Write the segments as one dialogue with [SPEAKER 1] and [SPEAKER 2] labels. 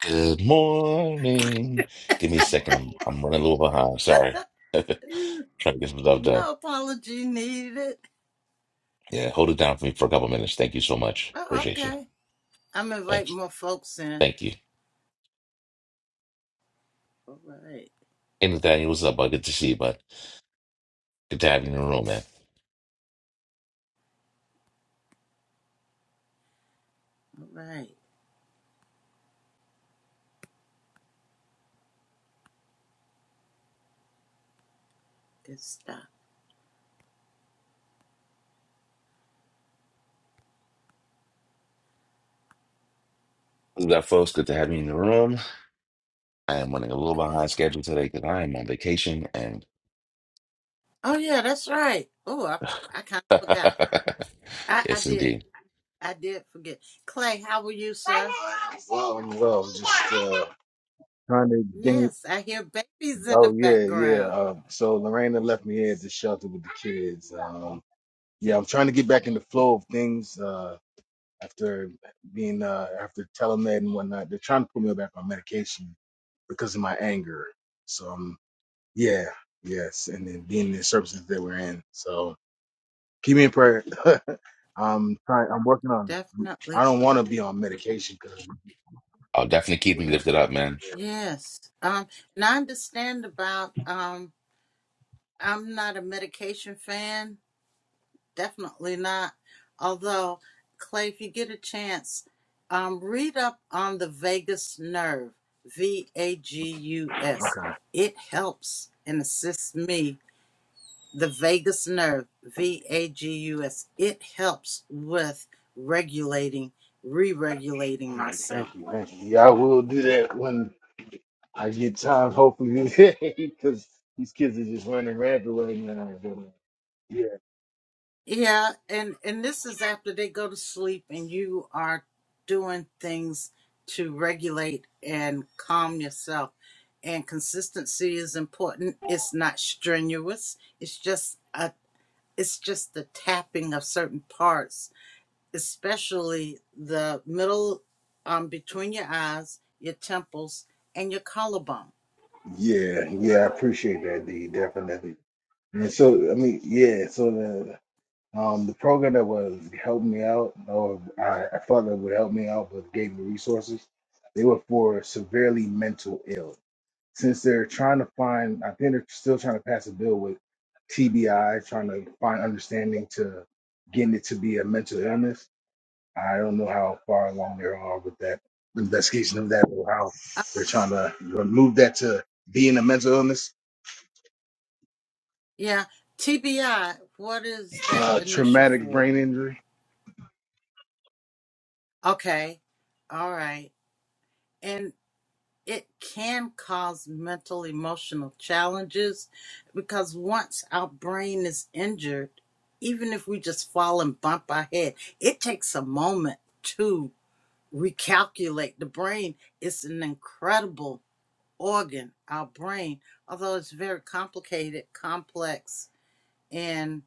[SPEAKER 1] Good morning. Give me a second. I'm I'm running a little behind. Sorry. Trying
[SPEAKER 2] Mm,
[SPEAKER 1] to get some stuff done.
[SPEAKER 2] No apology needed.
[SPEAKER 1] Yeah, hold it down for me for a couple minutes. Thank you so much.
[SPEAKER 2] Oh,
[SPEAKER 1] Appreciate you.
[SPEAKER 2] okay. I'm
[SPEAKER 1] Thanks.
[SPEAKER 2] inviting more folks in.
[SPEAKER 1] Thank you.
[SPEAKER 2] All right.
[SPEAKER 1] Hey Nathaniel, what's up, bud? Good to see you, bud. Good to have you in the room, man.
[SPEAKER 2] All right. Good stuff.
[SPEAKER 1] What's up, folks? Good to have you in the room. I am running a little
[SPEAKER 2] Okay.
[SPEAKER 1] behind schedule today because I am on vacation and
[SPEAKER 2] Oh, yeah, that's right. Oh, I, I kind of forgot. I, I
[SPEAKER 1] yes
[SPEAKER 2] did.
[SPEAKER 1] indeed.
[SPEAKER 2] I did forget. Clay, how were you, sir?
[SPEAKER 3] Well, well, just uh, trying to gain.
[SPEAKER 2] Yes, I hear babies in
[SPEAKER 3] Oh
[SPEAKER 2] the
[SPEAKER 3] yeah, yeah.
[SPEAKER 2] background.
[SPEAKER 3] Uh, so Lorena left me here at the shelter with the kids. Um, yeah, I'm trying to get back in the flow of things uh, after being uh, after telemed and whatnot. They're trying to put me back on medication because of my anger. So um, yeah, yes, and then being in the services that we're in. So keep me in prayer. I'm trying. I'm working on.
[SPEAKER 2] Definitely.
[SPEAKER 3] I don't want
[SPEAKER 2] so.
[SPEAKER 3] to be on medication because
[SPEAKER 1] I'll definitely keep me lifted up, man.
[SPEAKER 2] Yes. Um, and I understand about, um, I'm not a medication fan, Definitely not. Although, Clay, if you get a chance, um, read up on the vagus nerve, V A G U S. It helps and assists me, the vagus nerve, V A G U S. It helps with regulating, re
[SPEAKER 3] All
[SPEAKER 2] regulating
[SPEAKER 3] right,
[SPEAKER 2] myself.
[SPEAKER 3] thank you, thank you. Yeah, I will do that when I get time, hopefully, because these kids are just running rampant right now. but, uh, Yeah,
[SPEAKER 2] Yeah, and and this is after they go to sleep and you are doing things to regulate and calm yourself. And consistency is important. It's not strenuous. It's just a it's just the tapping of certain parts, especially the middle um between your eyes, your temples, and your collarbone.
[SPEAKER 3] yeah, yeah. I appreciate that, D. Definitely. And so, I mean, yeah. So the um the program that was helping me out, or I, I thought that would help me out, but gave me resources. They were for severely mental ill. since they're trying to find, I think they're still trying to pass a bill with TBI, trying to find understanding to getting it to be a mental illness. I don't know how far along they are with that investigation of that or how they're trying to remove that to being a mental illness,
[SPEAKER 2] Yeah. TBI, what is that
[SPEAKER 3] uh,
[SPEAKER 2] initial
[SPEAKER 3] traumatic
[SPEAKER 2] for?
[SPEAKER 3] brain injury.
[SPEAKER 2] Okay. All right. it can cause mental emotional challenges because once our brain is injured, even if we just fall and bump our head, it takes a moment to recalculate. The brain is an incredible organ, our brain, although it's very complicated, complex, and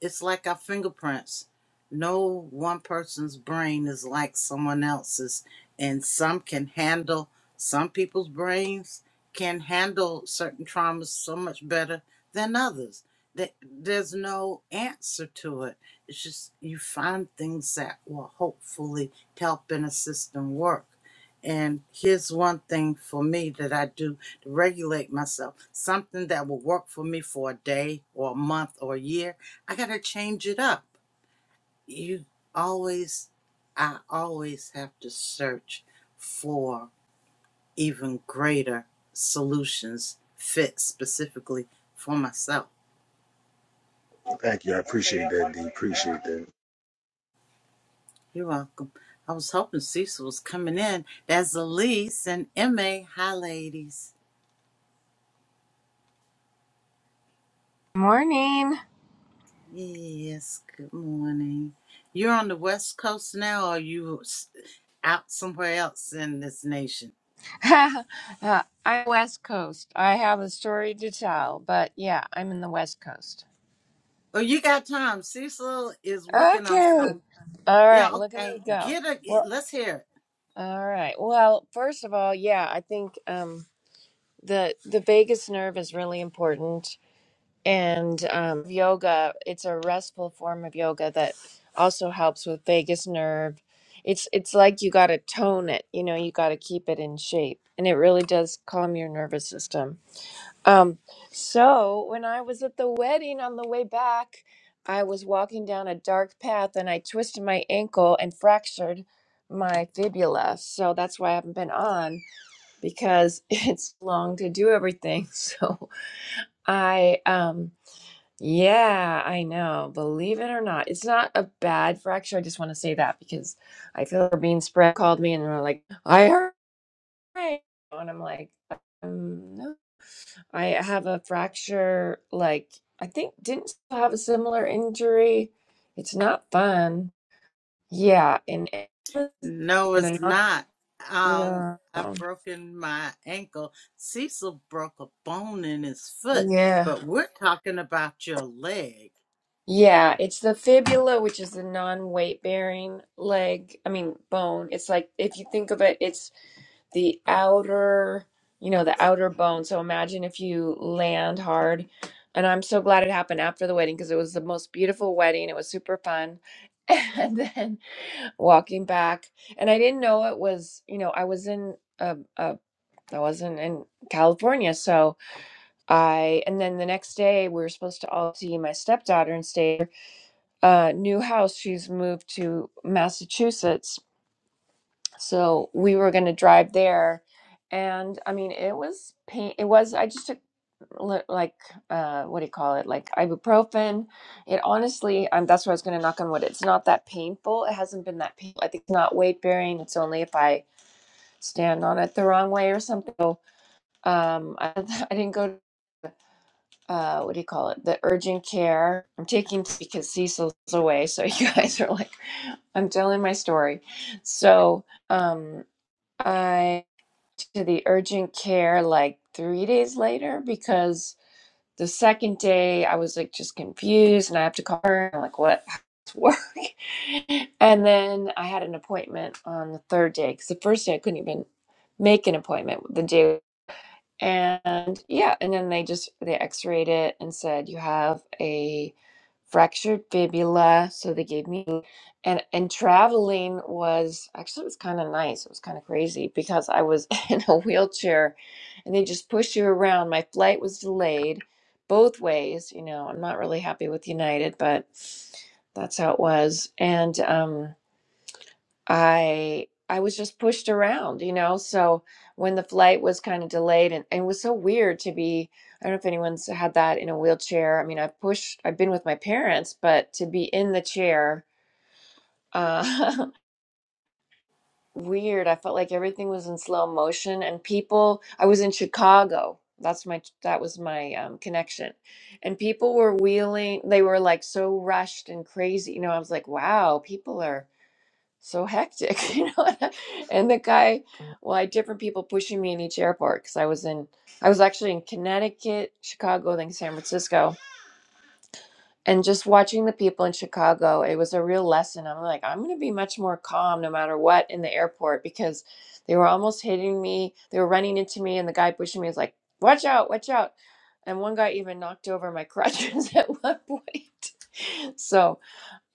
[SPEAKER 2] it's like our fingerprints. No one person's brain is like someone else's, and some can handle some people's brains can handle certain traumas so much better than others. That there's no answer to it. It's just you find things that will hopefully help and assist and work. And here's one thing for me that I do to regulate myself. Something that will work for me for a day or a month or a year. I got to change it up. You always, I always have to search for even greater solutions fit specifically for myself.
[SPEAKER 3] Thank you. I appreciate that, D. Appreciate that.
[SPEAKER 2] You're welcome. I was hoping Cecil was coming in. That's Elise and MA. Hi, ladies.
[SPEAKER 4] Morning.
[SPEAKER 2] Yes, good morning. You're on the West Coast now, or are you s- out somewhere else in this nation?
[SPEAKER 4] Uh, I'm West Coast. I have a story to tell, but yeah, I'm in the West Coast.
[SPEAKER 2] Oh, you got time. Cecil is working on something.
[SPEAKER 4] Okay. All
[SPEAKER 2] Yeah,
[SPEAKER 4] right, look at me
[SPEAKER 2] okay.
[SPEAKER 4] go.
[SPEAKER 2] Get a. e,
[SPEAKER 4] Well,
[SPEAKER 2] Let's hear it.
[SPEAKER 4] all right. Well, first of all, yeah, I think um the the vagus nerve is really important and um yoga, it's a restful form of yoga that also helps with vagus nerve. It's it's like you got to tone it, you know, you got to keep it in shape and it really does calm your nervous system Um, so when I was at the wedding on the way back, I was walking down a dark path and I twisted my ankle and fractured my fibula. So that's why I haven't been on because it's long to do everything. So I um yeah, I know. Believe it or not, it's not a bad fracture. I just want to say that because I feel like being spread called me and they're like, I heard, and I'm like, um, no. I have a fracture, like, I think didn't you have a similar injury. It's not fun. Yeah, and it's
[SPEAKER 2] No, it's
[SPEAKER 4] gonna knock
[SPEAKER 2] not. Um,
[SPEAKER 4] no.
[SPEAKER 2] I've broken my ankle. Cecil broke a bone in his foot,
[SPEAKER 4] Yeah.
[SPEAKER 2] but we're talking about your leg.
[SPEAKER 4] Yeah, it's the fibula, which is the non-weight bearing leg, I mean bone. It's like if you think of it, it's the outer, you know, the outer bone. So imagine if you land hard. And I'm so glad it happened after the wedding because it was the most beautiful wedding. It was super fun. And then walking back and i didn't know it was you know i was in uh, uh, i wasn't in california so i and then the next day we were supposed to all see my stepdaughter and stay at her, uh, new house she's moved to massachusetts so we were going to drive there, and I mean, it was pain. It was. I just took li- like uh, what do you call it? Like ibuprofen. It honestly, um, that's where I was going to knock on wood. It's not that painful. It hasn't been that painful. I think it's not weight bearing. It's only if I stand on it the wrong way or something. So, um, I, I didn't go. To, uh, what do you call it? The urgent care. I'm taking t- because Cecil's away, so you guys are like, I'm telling my story. So, um, I to the urgent care like three days later because the second day I was like just confused and I have to call her. and I'm like, what? How does this work? And then I had an appointment on the third day because the first day I couldn't even make an appointment. The day and yeah, and then they just they x-rayed it and said you have a fractured fibula. So they gave me and and traveling was actually it was kind of nice. It was kind of crazy because I was in a wheelchair and they just push you around. My flight was delayed both ways, you know. I'm not really happy with United, but that's how it was. And um I I was just pushed around, you know. So when the flight was kind of delayed and, and it was so weird to be, I don't know if anyone's had that in a wheelchair. I mean, I've pushed, I've been with my parents, but to be in the chair, uh, weird. I felt like everything was in slow motion and people, I was in Chicago. That's my, that was my um, connection. And people were wheeling, they were like so rushed and crazy. You know, I was like, wow, people are so hectic, you know. and the guy, well, I had different people pushing me in each airport because I was in, I was actually in Connecticut, Chicago, then San Francisco, and just watching the people in Chicago, it was a real lesson. I'm like, I'm going to be much more calm no matter what in the airport because they were almost hitting me, they were running into me, and the guy pushing me was like, "Watch out, watch out!" And one guy even knocked over my crutches at one point. So.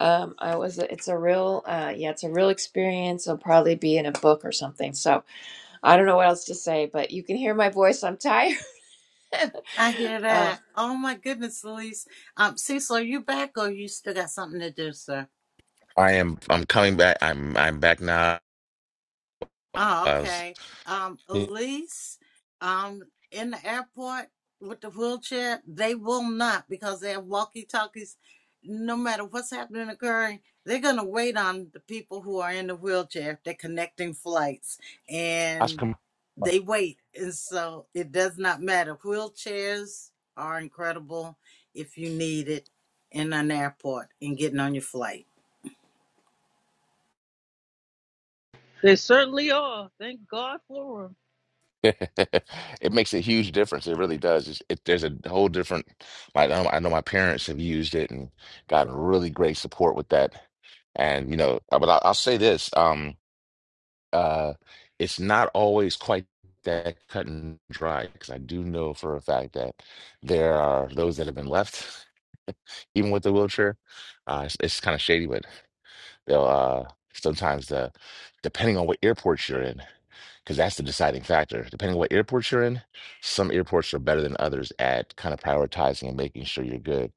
[SPEAKER 4] Um, I was. It's a real. Uh, yeah, it's a real experience. It'll probably be in a book or something. So I don't know what else to say, but you can hear my voice. I'm tired.
[SPEAKER 2] I hear
[SPEAKER 4] um,
[SPEAKER 2] that. Oh my goodness, Elise. Um, Cecil, are you back, or you still got something to do, sir?
[SPEAKER 1] I am I'm coming back. I'm I'm back now.
[SPEAKER 2] Oh,
[SPEAKER 1] I
[SPEAKER 2] okay. Um,
[SPEAKER 1] was
[SPEAKER 2] Elise, um, in the airport with the wheelchair, they will not because they have walkie talkies. No matter what's happening, occurring, they're going to wait on the people who are in the wheelchair. They're connecting flights and they wait. And so it does not matter. Wheelchairs are incredible if you need it in an airport and getting on your flight.
[SPEAKER 5] They certainly are. Thank God for them.
[SPEAKER 1] It makes a huge difference. It really does. It's, it, there's a whole different, like, I know I know my parents have used it and gotten really great support with that. And, you know, uh, but I'll, I'll say this, um, uh, it's not always quite that cut and dry because I do know for a fact that there are those that have been left, even with the wheelchair. Uh, it's, it's kind of shady, but they'll, uh, sometimes the, depending on what airport you're in because that's the deciding factor. Depending on what airports you're in, some airports are better than others at kind of prioritizing and making sure you're good.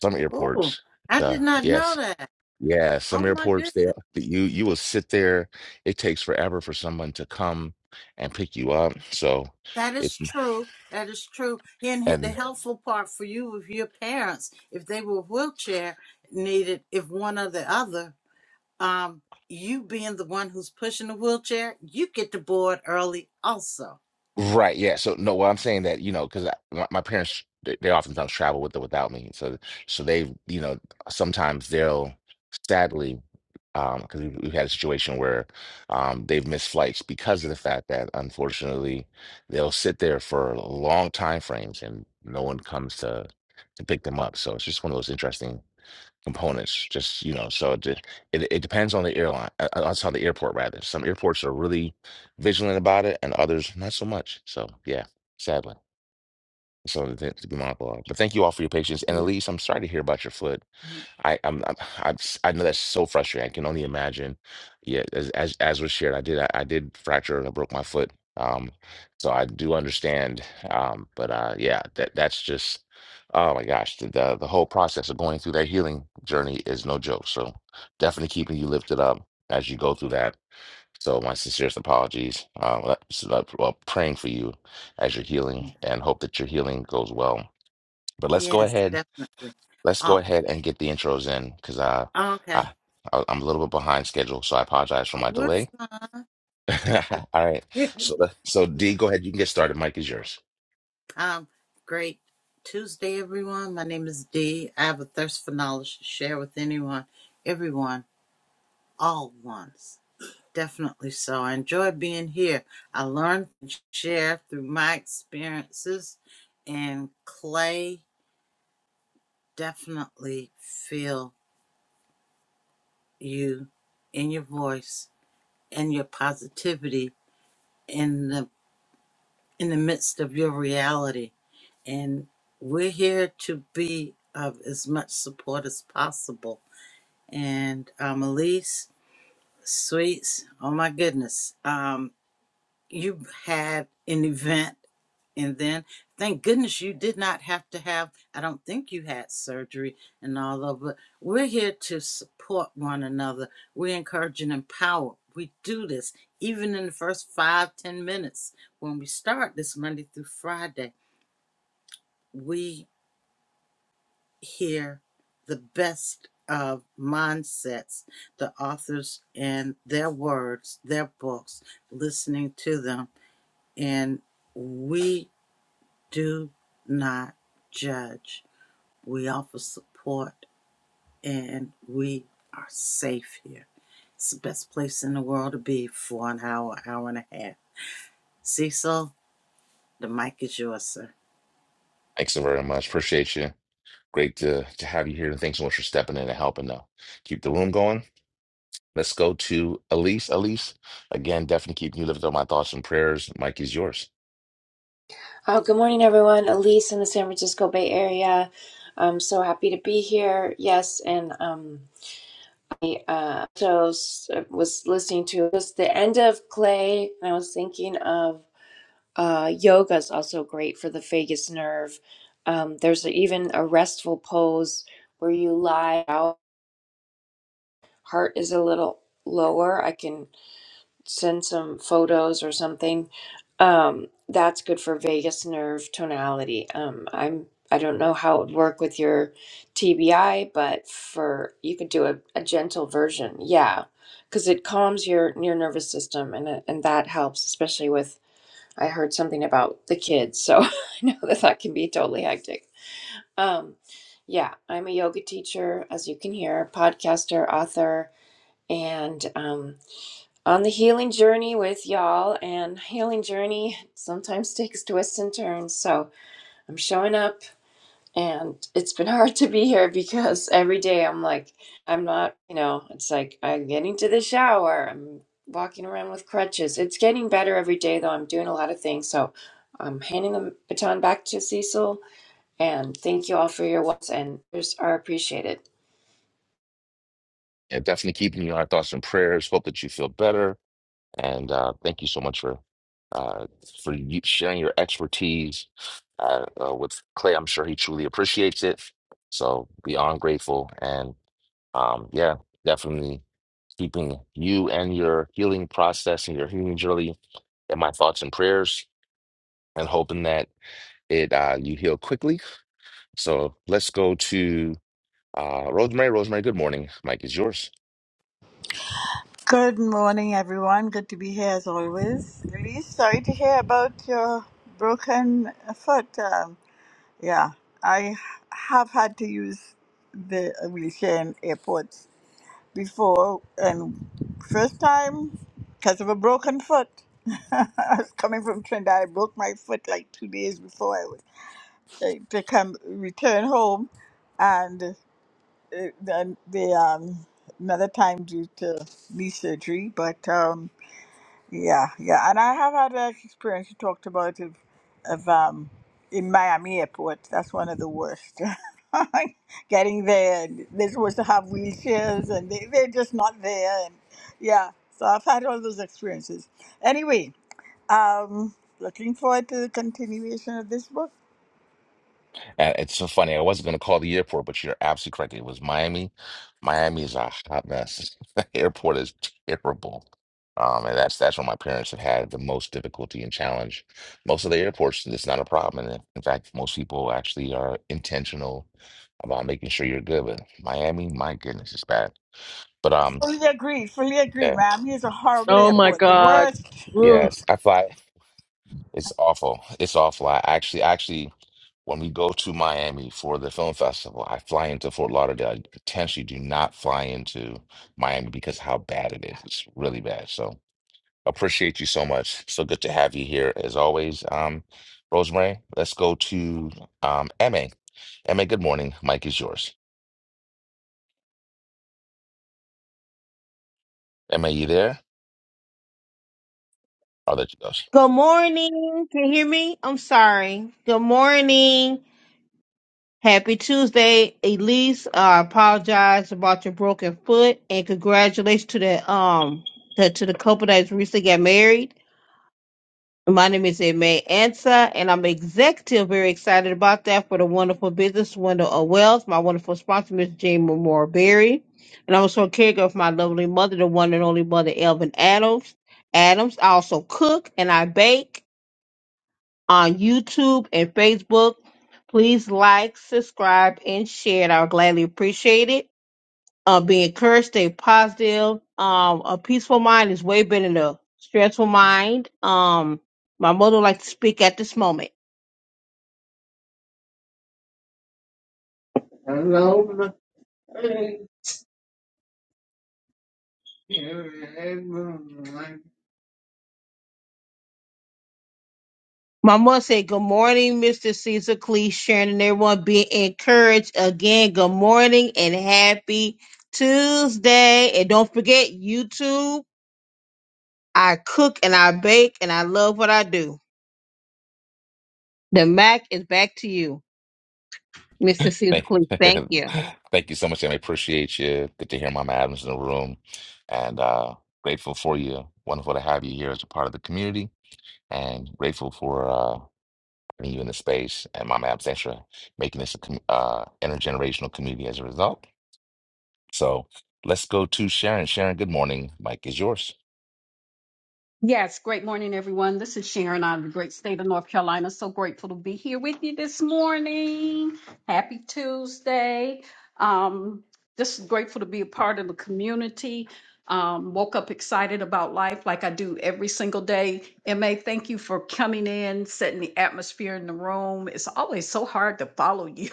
[SPEAKER 1] Some
[SPEAKER 2] Oh,
[SPEAKER 1] airports,
[SPEAKER 2] I did
[SPEAKER 1] the
[SPEAKER 2] not know
[SPEAKER 1] yes,
[SPEAKER 2] that.
[SPEAKER 1] yeah, some
[SPEAKER 2] Oh, my goodness.
[SPEAKER 1] airports they you you will sit there. It takes forever for someone to come and pick you up. So
[SPEAKER 2] That is
[SPEAKER 1] it's
[SPEAKER 2] true. That is true. And he- the
[SPEAKER 1] and
[SPEAKER 2] helpful part for you, if your parents, if they were wheelchair needed, if one or the other, um, you being the one who's pushing the wheelchair, you get the board early also.
[SPEAKER 1] Right, yeah. So no, well, I'm saying that, you know, because my, my parents they, they oftentimes travel with or without me. So so they, you know, sometimes they'll sadly um because we, we've had a situation where um they've missed flights because of the fact that unfortunately they'll sit there for long time frames and no one comes to to pick them up. So it's just one of those interesting components. Just you know, so it de- it, it depends on the airline. uh, uh, That's on the airport rather. Some airports are really vigilant about it, and others not so much. So yeah, sadly, so to, to be mindful of. But thank you all for your patience. And
[SPEAKER 2] Mhm.
[SPEAKER 1] Elise, I'm sorry to hear about your foot. I I'm, I'm I just- I know that's so frustrating. I can only imagine. Yeah, as as, as was shared, I did I, I did fracture and I broke my foot. Um, so I do understand. Um, but uh, yeah, that that's just oh my gosh, the, the the whole process of going through that healing journey is no joke. So definitely keeping you lifted up as you go through that. So my sincerest apologies. Um, uh, so, uh, well, praying for you as you're healing and hope that your healing goes well. But let's go
[SPEAKER 2] Yes,
[SPEAKER 1] ahead
[SPEAKER 2] definitely.
[SPEAKER 1] Let's go
[SPEAKER 2] Oh,
[SPEAKER 1] ahead and get the intros in because I,
[SPEAKER 2] okay.
[SPEAKER 1] I, I- I'm a little bit behind schedule, so I apologize for
[SPEAKER 2] Uh,
[SPEAKER 1] my
[SPEAKER 2] We're
[SPEAKER 1] delay.
[SPEAKER 2] fine. We're good.
[SPEAKER 1] All right. So, let- so D,
[SPEAKER 2] yeah.
[SPEAKER 1] go ahead. You can get started. Mike is yours.
[SPEAKER 2] Um, great. Tuesday, everyone. My name is Dee. I have a thirst for knowledge to share with anyone, everyone, all ones. Definitely so. I enjoy being here. I learn and share through my experiences, and Clay definitely feel you in your voice and your positivity in the in the midst of your reality. And we're here to be of as much support as possible. And um, Elise, sweets, oh my goodness. Um. you had an event and then thank goodness you did not have to have i don't think you had surgery and all of it we're here to support one another we encourage and empower we do this even in the first five ten minutes when we start this monday through friday we hear the best of mindsets the authors and their words their books listening to them and we do not judge. We offer support and we are safe here. It's the best place in the world to be for an hour, hour and a half. Cecil, the mic is yours, sir.
[SPEAKER 1] Thanks so very much. Appreciate you. Great to, to have you here. And thanks so much for stepping in and helping though. keep the room going. Let's go to Elise. Elise, again, definitely keeping you lifted on my thoughts and prayers. Mike is yours.
[SPEAKER 4] oh, good morning, everyone. Elise in the San Francisco Bay Area. I'm so happy to be here. Yes, and um, uh, so s- was listening to it was the end of Clay, and I was thinking of uh, yoga is also great for the vagus nerve. Um, there's even a restful pose where you lie out, heart is a little lower. I can send some photos or something. Um, that's good for vagus nerve tonality. Um, I'm I don't know how it would work with your TBI, but for you could do a, a gentle version, yeah, because it calms your your nervous system and it- and that helps, especially with I heard something about the kids, so I know that that can be totally hectic. Um, yeah, I'm a yoga teacher, as you can hear, podcaster, author, and um, on the healing journey with y'all and healing journey sometimes takes twists and turns so i'm showing up and it's been hard to be here because every day i'm like i'm not you know it's like i'm getting to the shower i'm walking around with crutches it's getting better every day though i'm doing a lot of things so i'm handing the baton back to cecil and thank you all for your words and yours are appreciated
[SPEAKER 1] Yeah, definitely keeping you in our thoughts and prayers. Hope that you feel better And uh, thank you so much for uh, for you sharing your expertise uh, uh, with Clay. I'm sure he truly appreciates it. So beyond grateful, and um, yeah, definitely keeping you and your healing process and your healing journey in my thoughts and prayers, and hoping that it uh, you heal quickly. So let's go to uh, Rosemary. Rosemary, good morning. Mike is yours.
[SPEAKER 6] Good morning, everyone. Good to be here as always. Really sorry to hear about your broken foot. Um, yeah, I have had to use the wheelchair in airports before, and first time because of a broken foot. I was coming from Trinidad. I broke my foot like two days before I was uh, to come return home, and uh, then the um, another time due to knee surgery, but. Um, yeah, yeah, and I have had that experience you talked about of, of um, in Miami airport. That's one of the worst. Getting there, and they're supposed to have wheelchairs, and they, they're just not there. And yeah, so I've had all those experiences. Anyway, um, looking forward to the continuation of this book.
[SPEAKER 1] Uh, It's so funny. I wasn't going to call the airport, but you're absolutely correct. It was Miami. Miami is a hot mess. The airport is terrible. Um, and that's that's where my parents have had the most difficulty and challenge. Most of the airports, it's not a problem. And in fact, most people actually are intentional about making sure you're good. But Miami, my goodness, it's bad. But um,
[SPEAKER 6] Fully agree, fully agree.
[SPEAKER 1] yeah,
[SPEAKER 6] Miami is a horrible
[SPEAKER 5] Oh my
[SPEAKER 6] airport, the
[SPEAKER 1] Wow.
[SPEAKER 5] God.
[SPEAKER 6] worst.
[SPEAKER 5] Woo.
[SPEAKER 1] yes, I fly. It's awful. It's awful. I actually, actually. When we go to Miami for the film festival, I fly into Fort Lauderdale. I potentially do not fly into Miami because how bad it is. It's really bad. So appreciate you so much. So good to have you here as always. Um, Rosemary, let's go to um, MA. MA, good morning. Mike is yours. MA, you there? Oh, there she goes.
[SPEAKER 7] Good morning. Can you hear me? I'm sorry. Good morning. Happy Tuesday, Elise. I apologize about your broken foot, and congratulations to the um to, to the couple that's recently got married. My name is Aimee Ansa, and I'm executive. Very excited about that for the wonderful business window of Wells. My wonderful sponsor, Miss Jane Memorial Berry, and I'm also a caregiver of my lovely mother, the one and only mother, Elvin Adams. Adams. I also cook and I bake on YouTube and Facebook. Please like, subscribe, and share. it. I would gladly appreciate it. Uh, be encouraged, stay positive. Um, a peaceful mind is way better than a stressful mind. Um, my mother would like to speak at this moment. My mother said, Good morning, Mr. Caesar Clee, Sharon, and everyone. Be encouraged again. Good morning and happy Tuesday. And don't forget YouTube. I cook and I bake and I love what I do. The Mac is back to you, Mr. Caesar
[SPEAKER 1] Thank,
[SPEAKER 7] Cleese. Thank you.
[SPEAKER 1] thank you so much, MA. Appreciate you. Good to hear Mama Adams in the room. And uh, grateful for you. Wonderful to have you here as a part of the community and grateful for uh, having you in the space and Mama Absentia making this a com- uh, intergenerational community as a result. So let's go to Sharon. Sharon, good morning. Mike is yours.
[SPEAKER 8] Yes, great morning, everyone. This is Sharon out of the great state of North Carolina. So grateful to be here with you this morning. Happy Tuesday. Um, just grateful to be a part of the community. Um, woke up excited about life like I do every single day. MA, thank you for coming in, setting the atmosphere in the room. It's always so hard to follow you.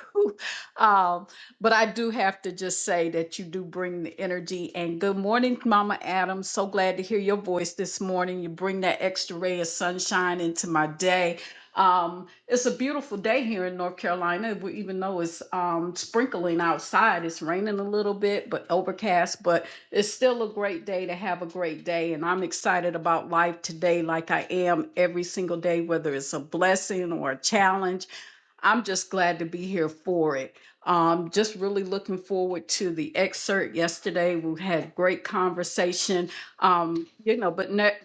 [SPEAKER 8] But I do have to just say that you do bring the energy. And good morning, Mama Adams. So glad to hear your voice this morning. You bring that extra ray of sunshine into my day. Um, it's a beautiful day here in North Carolina, we- even though it's um, sprinkling outside. It's raining a little bit, but overcast, but it's still a great day to have a great day. And I'm excited about life today, like I am every single day, whether it's a blessing or a challenge. I'm just glad to be here for it. Um, just really looking forward to the excerpt yesterday. We had great conversation. Um, you know, but ne-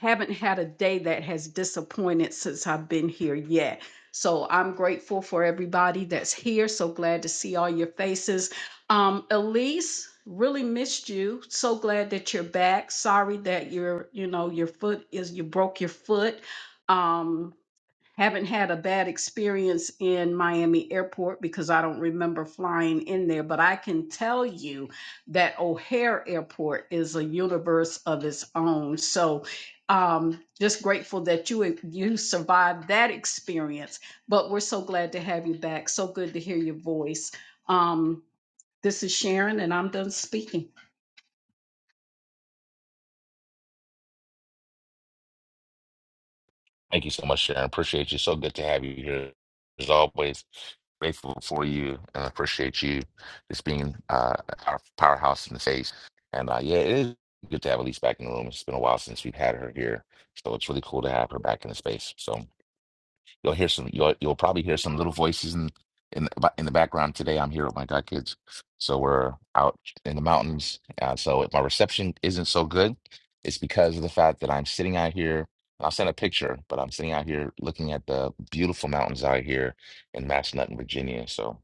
[SPEAKER 8] haven't had a day that has disappointed since I've been here yet. So I'm grateful for everybody that's here. So glad to see all your faces. Um, Elise, really missed you. So glad that you're back. Sorry that your, you know, your foot is you broke your foot. Um, haven't had a bad experience in Miami Airport because I don't remember flying in there, but I can tell you that O'Hare Airport is a universe of its own. So, um, just grateful that you you survived that experience. But we're so glad to have you back. So good to hear your voice. Um, this is Sharon, and I'm done speaking.
[SPEAKER 1] Thank you so much, Sharon. Appreciate you. So good to have you here as always. Grateful for you and appreciate you just being uh, our powerhouse in the space. And uh, yeah, it is good to have Elise back in the room. It's been a while since we've had her here. So it's really cool to have her back in the space. So You'll hear some. You'll you'll probably hear some little voices in in the, ba- in the background today. I'm here with my god kids, so we're out in the mountains. Uh, so if my reception isn't so good, it's because of the fact that I'm sitting out here. I'll send a picture, but I'm sitting out here looking at the beautiful mountains out here in Massanutten, Virginia. So,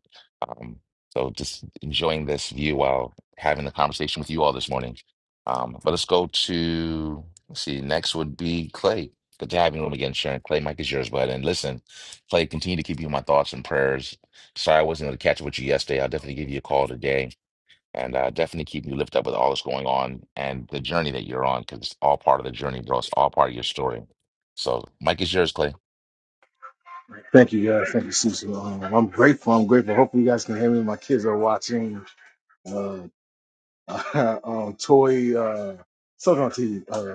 [SPEAKER 1] um, so just enjoying this view while having the conversation with you all this morning. Um, but let's go to let's see. Next would be Clay. Good to have you on again, Sharon. Clay, Mike is yours, bud. And listen, Clay, continue to keep you in my thoughts and prayers. Sorry I wasn't able to catch up with you yesterday. I'll definitely give you a call today. And uh, definitely keep you lifted up with all that's going on and the journey that you're on, because it's all part of the journey, bro. It's all part of your story. So, Mike is yours, Clay.
[SPEAKER 3] Thank you, guys. Thank you, Susan. Um, I'm grateful. I'm grateful. Hopefully, you guys can hear me. My kids are watching uh, um, toy uh, Silk on TV.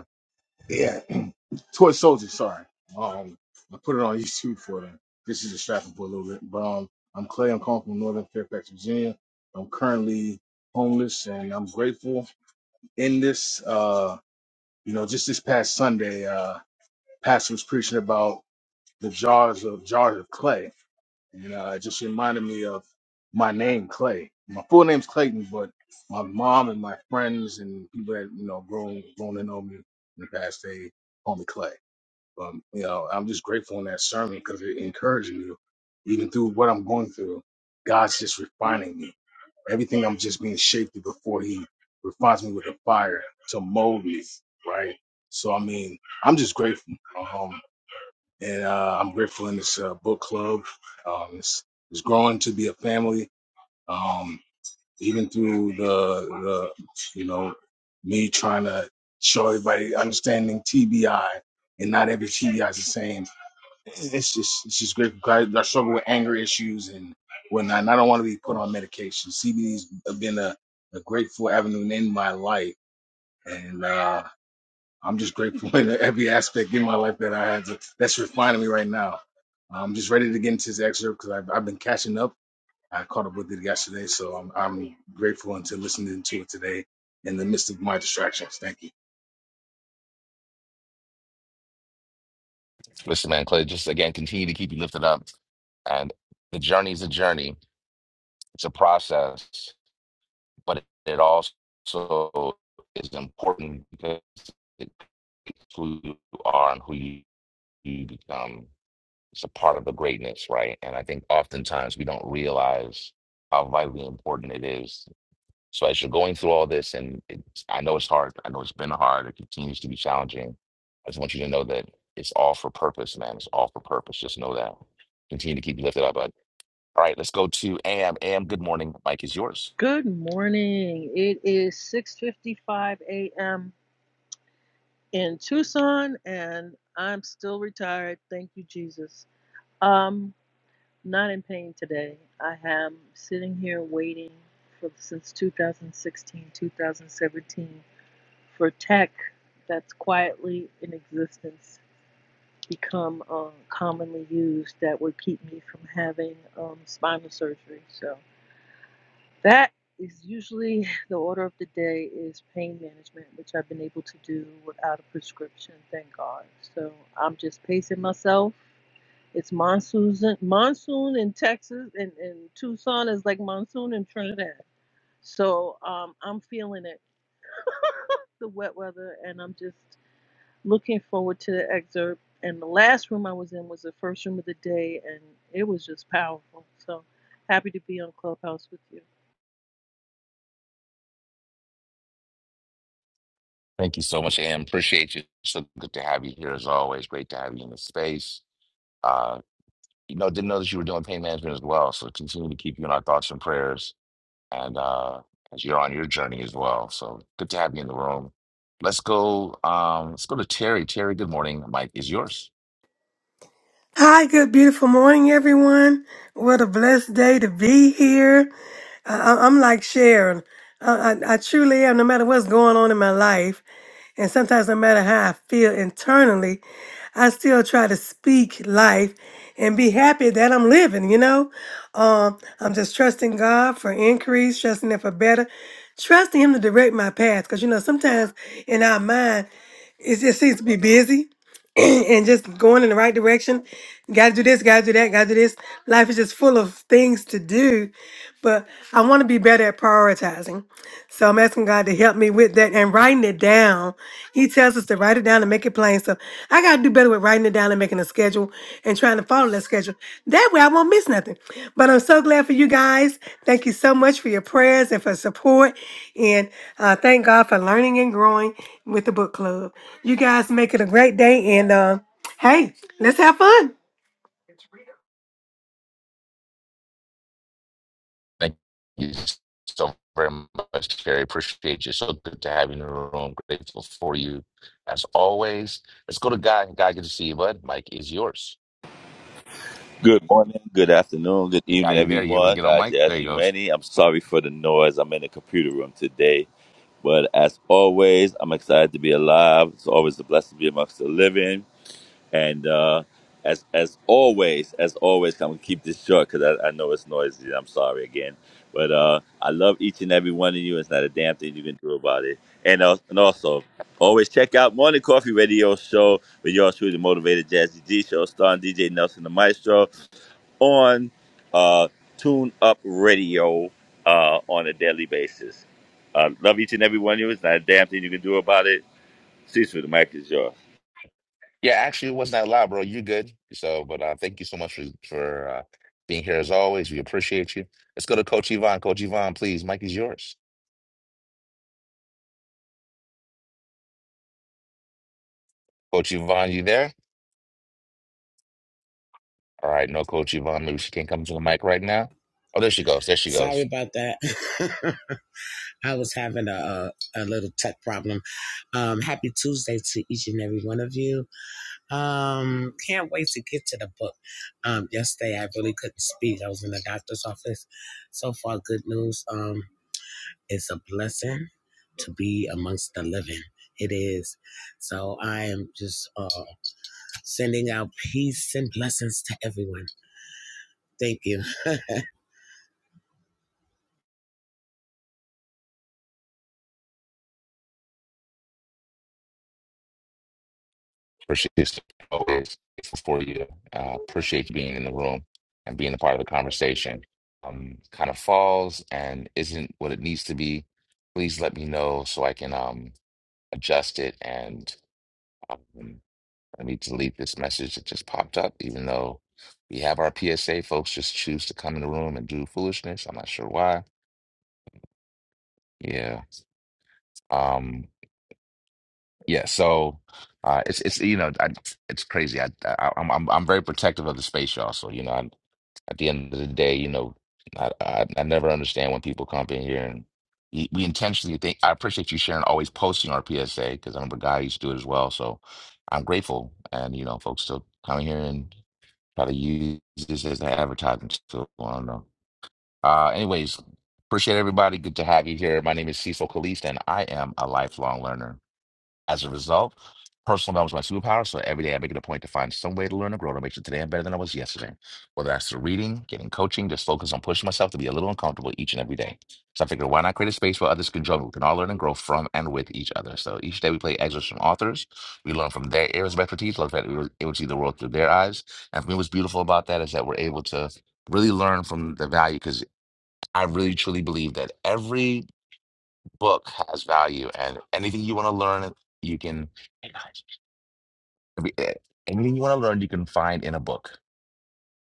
[SPEAKER 3] Yeah, Toy Soldier. Sorry, um, I put it on YouTube for them. This is distracting for a little bit, but um, I'm Clay. I'm calling from Northern Fairfax, Virginia. I'm currently homeless, and I'm grateful. In this, uh, you know, just this past Sunday, uh, Pastor was preaching about the jars of jars of clay, and uh, it just reminded me of my name, Clay. My full name's Clayton, but my mom and my friends and people that you know grown grown to know me in the past, they call me Clay um, you know, I'm just grateful in that sermon because it encouraged me, even through what I'm going through. God's just refining me. Everything I'm just being shaped through before He refines me with the fire to mold me, right? So I mean, I'm just grateful, um, and uh, I'm grateful in this uh, book club. Um, it's it's growing to be a family, um, even through the the you know me trying to show everybody understanding TBI and not every TBI is the same it's just it's just great. I, I struggle with anger issues and whatnot. And I don't want to be put on medication. CBD's been a, a grateful avenue in my life, and uh, I'm just grateful in every aspect in my life that I had to, that's refining me right now. I'm just ready to get into this excerpt because I've, I've been catching up. I caught up with it yesterday, so I'm I'm grateful and to listening to it today in the midst of my distractions. Thank you.
[SPEAKER 1] Listen, man, Clay, just again, continue to keep you lifted up. And the journey is a journey, it's a process, but it also is important because it it's who you are and who you you become it's a part of the greatness, right? And I think oftentimes we don't realize how vitally important it is. So as you're going through all this, and it's, I know it's hard, I know it's been hard, it continues to be challenging. I just want you to know that it's all for purpose, man. It's all for purpose. Just know that. Continue to keep lifted up. But all right, let's go to Am. Am, good morning. Mike is yours.
[SPEAKER 5] Good morning. It is 6:55 a.m. in Tucson, and I'm still retired. Thank you, Jesus. Um, not in pain today. I am sitting here waiting for since 2016, 2017 for tech that's quietly in existence. become uh, commonly used that would keep me from having um, spinal surgery. So that is usually the order of the day is pain management, which I've been able to do without a prescription, thank God. So I'm just pacing myself. It's monsoon, monsoon in Texas, and, and Tucson is like monsoon in Trinidad. So um, I'm feeling it, the wet weather, and I'm just looking forward to the excerpt. And the last room I was in was the first room of the day, and it was just powerful. So happy to be on Clubhouse with you.
[SPEAKER 1] Thank you so much, Am. Appreciate you. So good to have you here as always. Great to have you in the space. Uh, You know, didn't know that you were doing pain management as well. So continue to keep you in our thoughts and prayers and uh as you're on your journey as well. So good to have you in the room. Let's go um let's go to Terry. Terry, good morning. Mike is yours.
[SPEAKER 9] Hi, good beautiful morning, everyone. What a blessed day to be here. I, I- I'm like Sharon. I, I, I truly am, no matter what's going on in my life, and sometimes no matter how I feel internally, I still try to speak life and be happy that I'm living, you know? Um, I'm just trusting God for increase, trusting Him for better, trusting Him to direct my path. Because, you know, sometimes in our mind, it just seems to be busy and just going in the right direction. Got to do this, got to do that, got to do this. Life is just full of things to do, but I want to be better at prioritizing. So I'm asking God to help me with that and writing it down. He tells us to write it down and make it plain. So I got to do better better with writing it down and making a schedule and trying to follow that schedule. That way I won't miss nothing. But I'm so glad for you guys. Thank you so much for your prayers and for support. And uh, thank God for learning and growing with the book club. You guys make it a great day. And uh, hey, let's have fun.
[SPEAKER 1] Thank you so very much, Terry. Appreciate you. So good to have you in the room. Grateful for you as always. Let's go to Guy. Guy, good to see you, bud. Mike is yours.
[SPEAKER 10] Good morning, good afternoon, good
[SPEAKER 1] Guy,
[SPEAKER 10] evening,
[SPEAKER 1] you there? You able to
[SPEAKER 10] everyone.
[SPEAKER 1] get on
[SPEAKER 10] God
[SPEAKER 1] Mike? There you
[SPEAKER 10] Jazzy
[SPEAKER 1] go.
[SPEAKER 10] Rainey. I'm sorry for the noise. I'm in the computer room today. But as always, I'm excited to be alive. It's always a blessing to be amongst the living. And uh, as as always, as always, I'm gonna keep this short because I, I know it's noisy. I'm sorry again, but uh, I love each and every one of you. It's not a damn thing you can do about it. And uh, and also. Always check out Morning Coffee Radio Show with yours truly the motivated Jazzy G Show, starring DJ Nelson the Maestro on uh, Tune Up Radio uh, on a daily basis. Uh, love each and every one of you. It's not a damn thing you can do about it. Cease with the mic is yours.
[SPEAKER 1] Yeah, actually, it wasn't that loud, bro. You good? So, but uh, thank you so much for for uh, being here as always. We appreciate you. Let's go to Coach Yvonne. Coach Yvonne, please. Mike is yours. Coach Yvonne, you there? All right, no, Coach Yvonne. Maybe she can't come to the mic right now. Oh, there she goes. There she
[SPEAKER 11] Sorry
[SPEAKER 1] goes.
[SPEAKER 11] about that. I was having a, a a little tech problem. Um, happy Tuesday to each and every one of you. Um, can't wait to get to the book. Um, yesterday I really couldn't speak. I was in the doctor's office. So far, good news. Um, it's a blessing to be amongst the living. It is. So I am just uh, sending out peace and blessings to everyone. Thank you.
[SPEAKER 1] Appreciate you so- always grateful for you. Uh, appreciate you being in the room and being a part of the conversation. Um, kind of falls and isn't what it needs to be. Please let me know so I can um adjust it and. Um, I need to delete this message that just popped up, even though we have our PSA. Folks just choose to come in the room and do foolishness. I'm not sure why. Yeah. Um. Yeah. So, uh, it's it's you know, I, it's crazy. I, I I'm I'm I'm very protective of the space, y'all. So you know, i at the end of the day, you know, I, I I never understand when people come up in here and we we intentionally think. I appreciate you Sharon, always posting our PSA because I remember Guy used to do it as well. So I'm grateful, and you know, folks still coming here and Try to use this as an advertising tool. I don't know. Uh, anyways, appreciate everybody. Good to have you here. My name is Cecil Kalist, and I am a lifelong learner. As a result, personal development is my superpower. So every day I make it a point to find some way to learn and grow to make sure today I'm better than I was yesterday. Whether that's through reading, getting coaching, just focus on pushing myself to be a little uncomfortable each and every day. So I figured, why not create a space where others can join? We can all learn and grow from and with each other. So each day we play excerpts from authors. We learn from their areas of expertise, look at able to see the world through their eyes. And for me, what's beautiful about that is that we're able to really learn from the value because I really truly believe that every book has value and anything you want to learn you can Hey, guys. anything you want to learn you can find in a book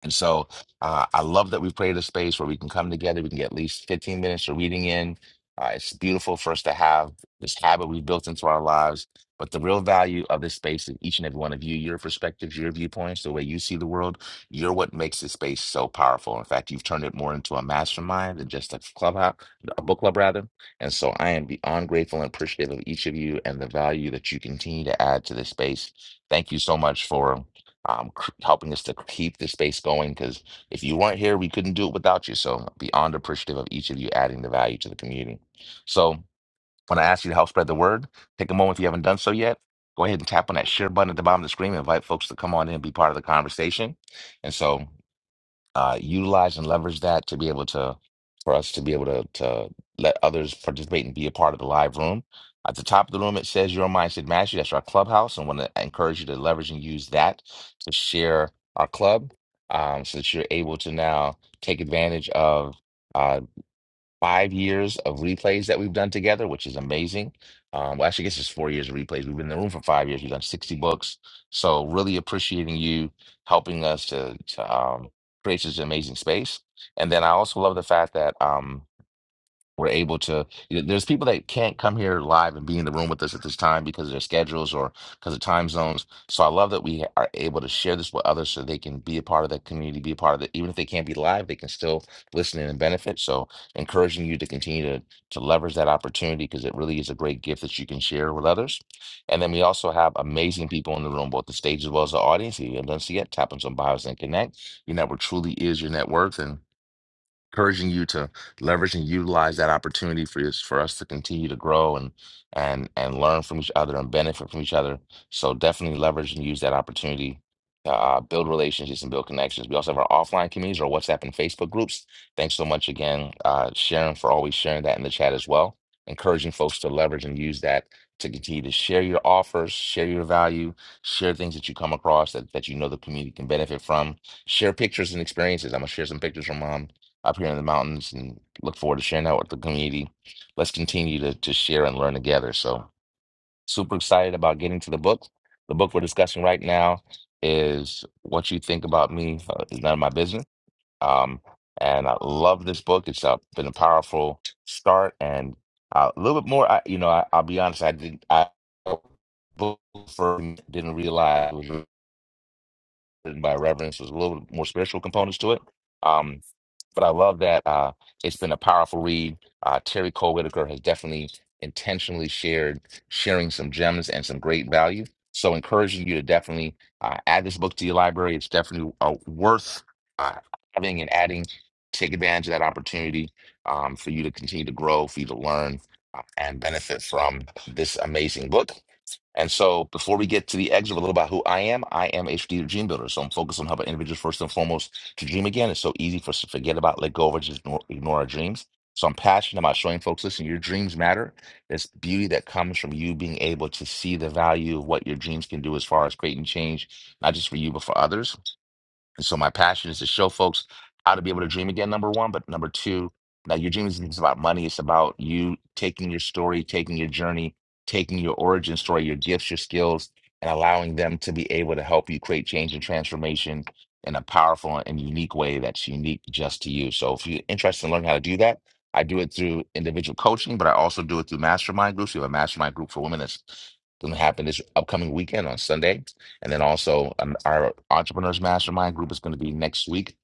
[SPEAKER 1] and so uh, I love that we've created a space where we can come together. We can get at least 15 minutes of reading in. Uh, it's beautiful for us to have this habit we've built into our lives. But the real value of this space is each and every one of you, your perspectives, your viewpoints, the way you see the world. You're what makes this space so powerful. In fact, you've turned it more into a mastermind than just a clubhouse, a book club rather. And so I am beyond grateful and appreciative of each of you and the value that you continue to add to this space. Thank you so much for um, c- helping us to keep the space going. Because if you weren't here, we couldn't do it without you. So beyond appreciative of each of you adding the value to the community. So when I ask you to help spread the word, take a moment if you haven't done so yet. Go ahead and tap on that share button at the bottom of the screen. and Invite folks to come on in and be part of the conversation. And so uh, utilize and leverage that to be able to for us to be able to to let others participate and be a part of the live room. At the top of the room, it says Your Mindset Mastery. That's our clubhouse, and want to encourage you to leverage and use that to share our club, um, so that you're able to now take advantage of. uh, five years of replays that we've done together, which is amazing. Um, well, actually, I guess it's four years of replays. We've been in the room for five years. We've done 60 books. So really appreciating you helping us to, to um, create this amazing space. And then I also love the fact that um, we're able to, you know, there's people that can't come here live and be in the room with us at this time because of their schedules or because of time zones. So I love that we are able to share this with others so they can be a part of that community, be a part of it. Even if they can't be live, they can still listen in and benefit. So encouraging you to continue to, to leverage that opportunity because it really is a great gift that you can share with others. And then we also have amazing people in the room, both the stage as well as the audience. If you haven't done so yet, tap on some bios and connect. Your network truly is your net worth. and encouraging you to leverage and utilize that opportunity for us for us to continue to grow and and and learn from each other and benefit from each other. So definitely leverage and use that opportunity to uh, build relationships and build connections. We also have our offline communities, our WhatsApp and Facebook groups. Thanks so much again, uh, Sharon, for always sharing that in the chat as well. Encouraging folks to leverage and use that to continue to share your offers, share your value, share things that you come across that, that you know the community can benefit from. Share pictures and experiences. I'm gonna share some pictures from mom up here in the mountains and look forward to sharing that with the community. Let's continue to, to share and learn together. So, super excited about getting to the book. The book we're discussing right now is What You Think About Me uh, is None of My Business. Um, and I love this book. It's uh, been a powerful start and uh, a little bit more. I, you know, I, I'll be honest, I didn't, I book for didn't realize it was written by reverence. There's a little bit more spiritual components to it. Um, but I love that uh, it's been a powerful read. Uh, Terry Cole Whitaker has definitely intentionally shared sharing some gems and some great value. So encouraging you to definitely uh, add this book to your library. It's definitely uh, worth uh, having and adding. Take advantage of that opportunity um, for you to continue to grow, for you to learn uh, and benefit from this amazing book. And so before we get to the exit, a little about who I am, I am a strategic dream builder. So I'm focused on helping individuals first and foremost to dream again is so easy for us to forget about, let go of, or just ignore, ignore our dreams. So I'm passionate about showing folks, listen, your dreams matter. There's beauty that comes from you being able to see the value of what your dreams can do as far as creating change, not just for you, but for others. And so my passion is to show folks how to be able to dream again, number one. But number two, now your dream isn't just about money. It's about you taking your story, taking your journey, taking your origin story, your gifts, your skills, and allowing them to be able to help you create change and transformation in a powerful and unique way that's unique just to you. So if you're interested in learning how to do that, I do it through individual coaching, but I also do it through mastermind groups. We have a mastermind group for women that's going to happen this upcoming weekend on Sunday. And then also um, our entrepreneurs mastermind group is going to be next week,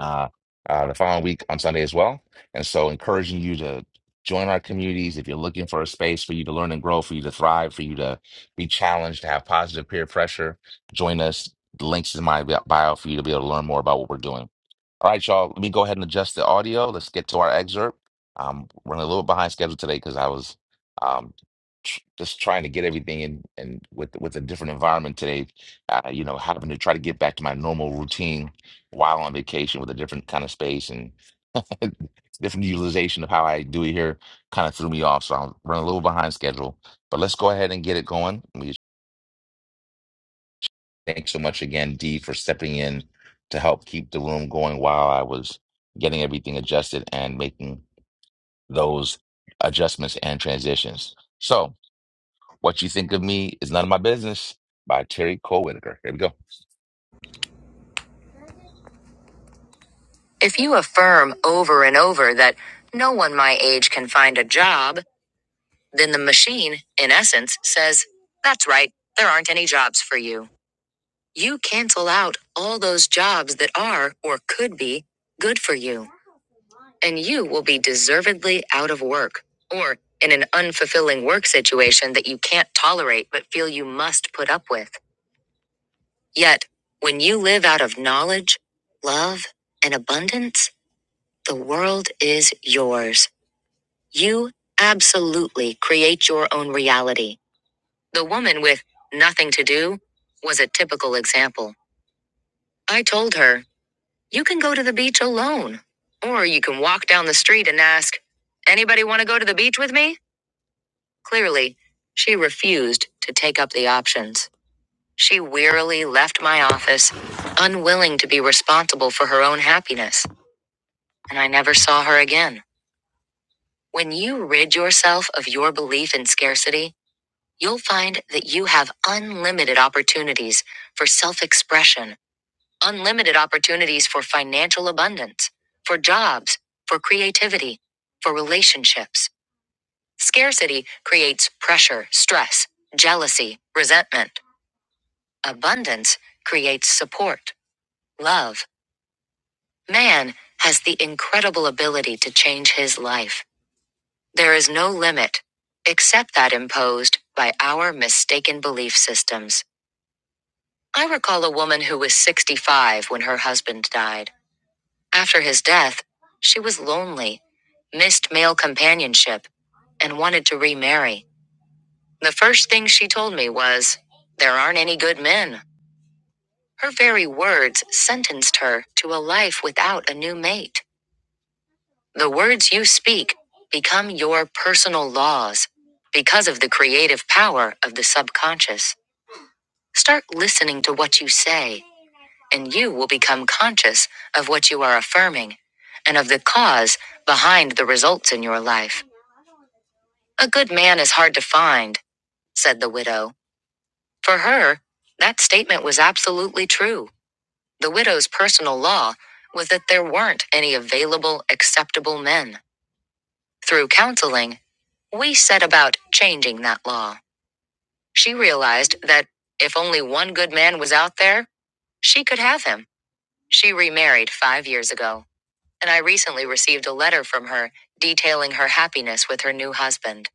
[SPEAKER 1] uh, uh, the following week on Sunday as well. And so encouraging you to join our communities if you're looking for a space for you to learn and grow, for you to thrive, for you to be challenged, to have positive peer pressure, join us. The links in my bio for you to be able to learn more about what we're doing. All right, y'all. Let me go ahead and adjust the audio. Let's get to our excerpt. Um, we're running a little behind schedule today because I was um, tr just trying to get everything in and with with a different environment today. Uh, you know, having to try to get back to my normal routine while on vacation with a different kind of space and different utilization of how I do it here kind of threw me off. So I'm running a little behind schedule. But let's go ahead and get it going. Thanks so much again, Dee, for stepping in to help keep the room going while I was getting everything adjusted and making those adjustments and transitions. So, What You Think of Me is None of My Business by Terry Cole Whitaker. Here we go. If you affirm over and over that no one my age can find a job, then the machine, in essence, says, That's right, there aren't any jobs for you. You cancel out all those jobs that are or could be good for you. and you will be deservedly out of work or in an unfulfilling work situation that you can't tolerate but feel you must put up with. Yet, when you live out of knowledge, love, and abundance, the world is yours. You absolutely create your own reality. The woman with nothing to do was a typical example. I told her, You can go to the beach alone, or you can walk down the street and ask, Anybody want to go to the beach with me? Clearly, she refused to take up the options. She wearily left my office, unwilling to be responsible for her own happiness, and I never saw her again. When you rid yourself of your belief in scarcity, you'll find that you have unlimited opportunities for self expression, unlimited opportunities for financial abundance, for jobs, for creativity, for relationships. Scarcity creates pressure, stress, jealousy, resentment. Abundance creates support, love. Man has the incredible ability to change his life. There is no limit, except that imposed by our mistaken belief systems. I recall a woman who was 65 when her husband died. After his death, she was lonely, missed male companionship, and wanted to remarry. The first thing she told me was, There aren't any good men. Her very words sentenced her to a life without a new mate. The words you speak become your personal laws because of the creative power of the subconscious. Start listening to what you say, and you will become conscious of what you are affirming and of the cause behind the results in your life. A good man is hard to find, said the widow. For her, that statement was absolutely true. The widow's personal law was that there weren't any available acceptable men. Through counseling, we set about changing that law. She realized that if only one good man was out there, she could have him. She remarried five years ago, and I recently received a letter from her detailing her happiness with her new husband,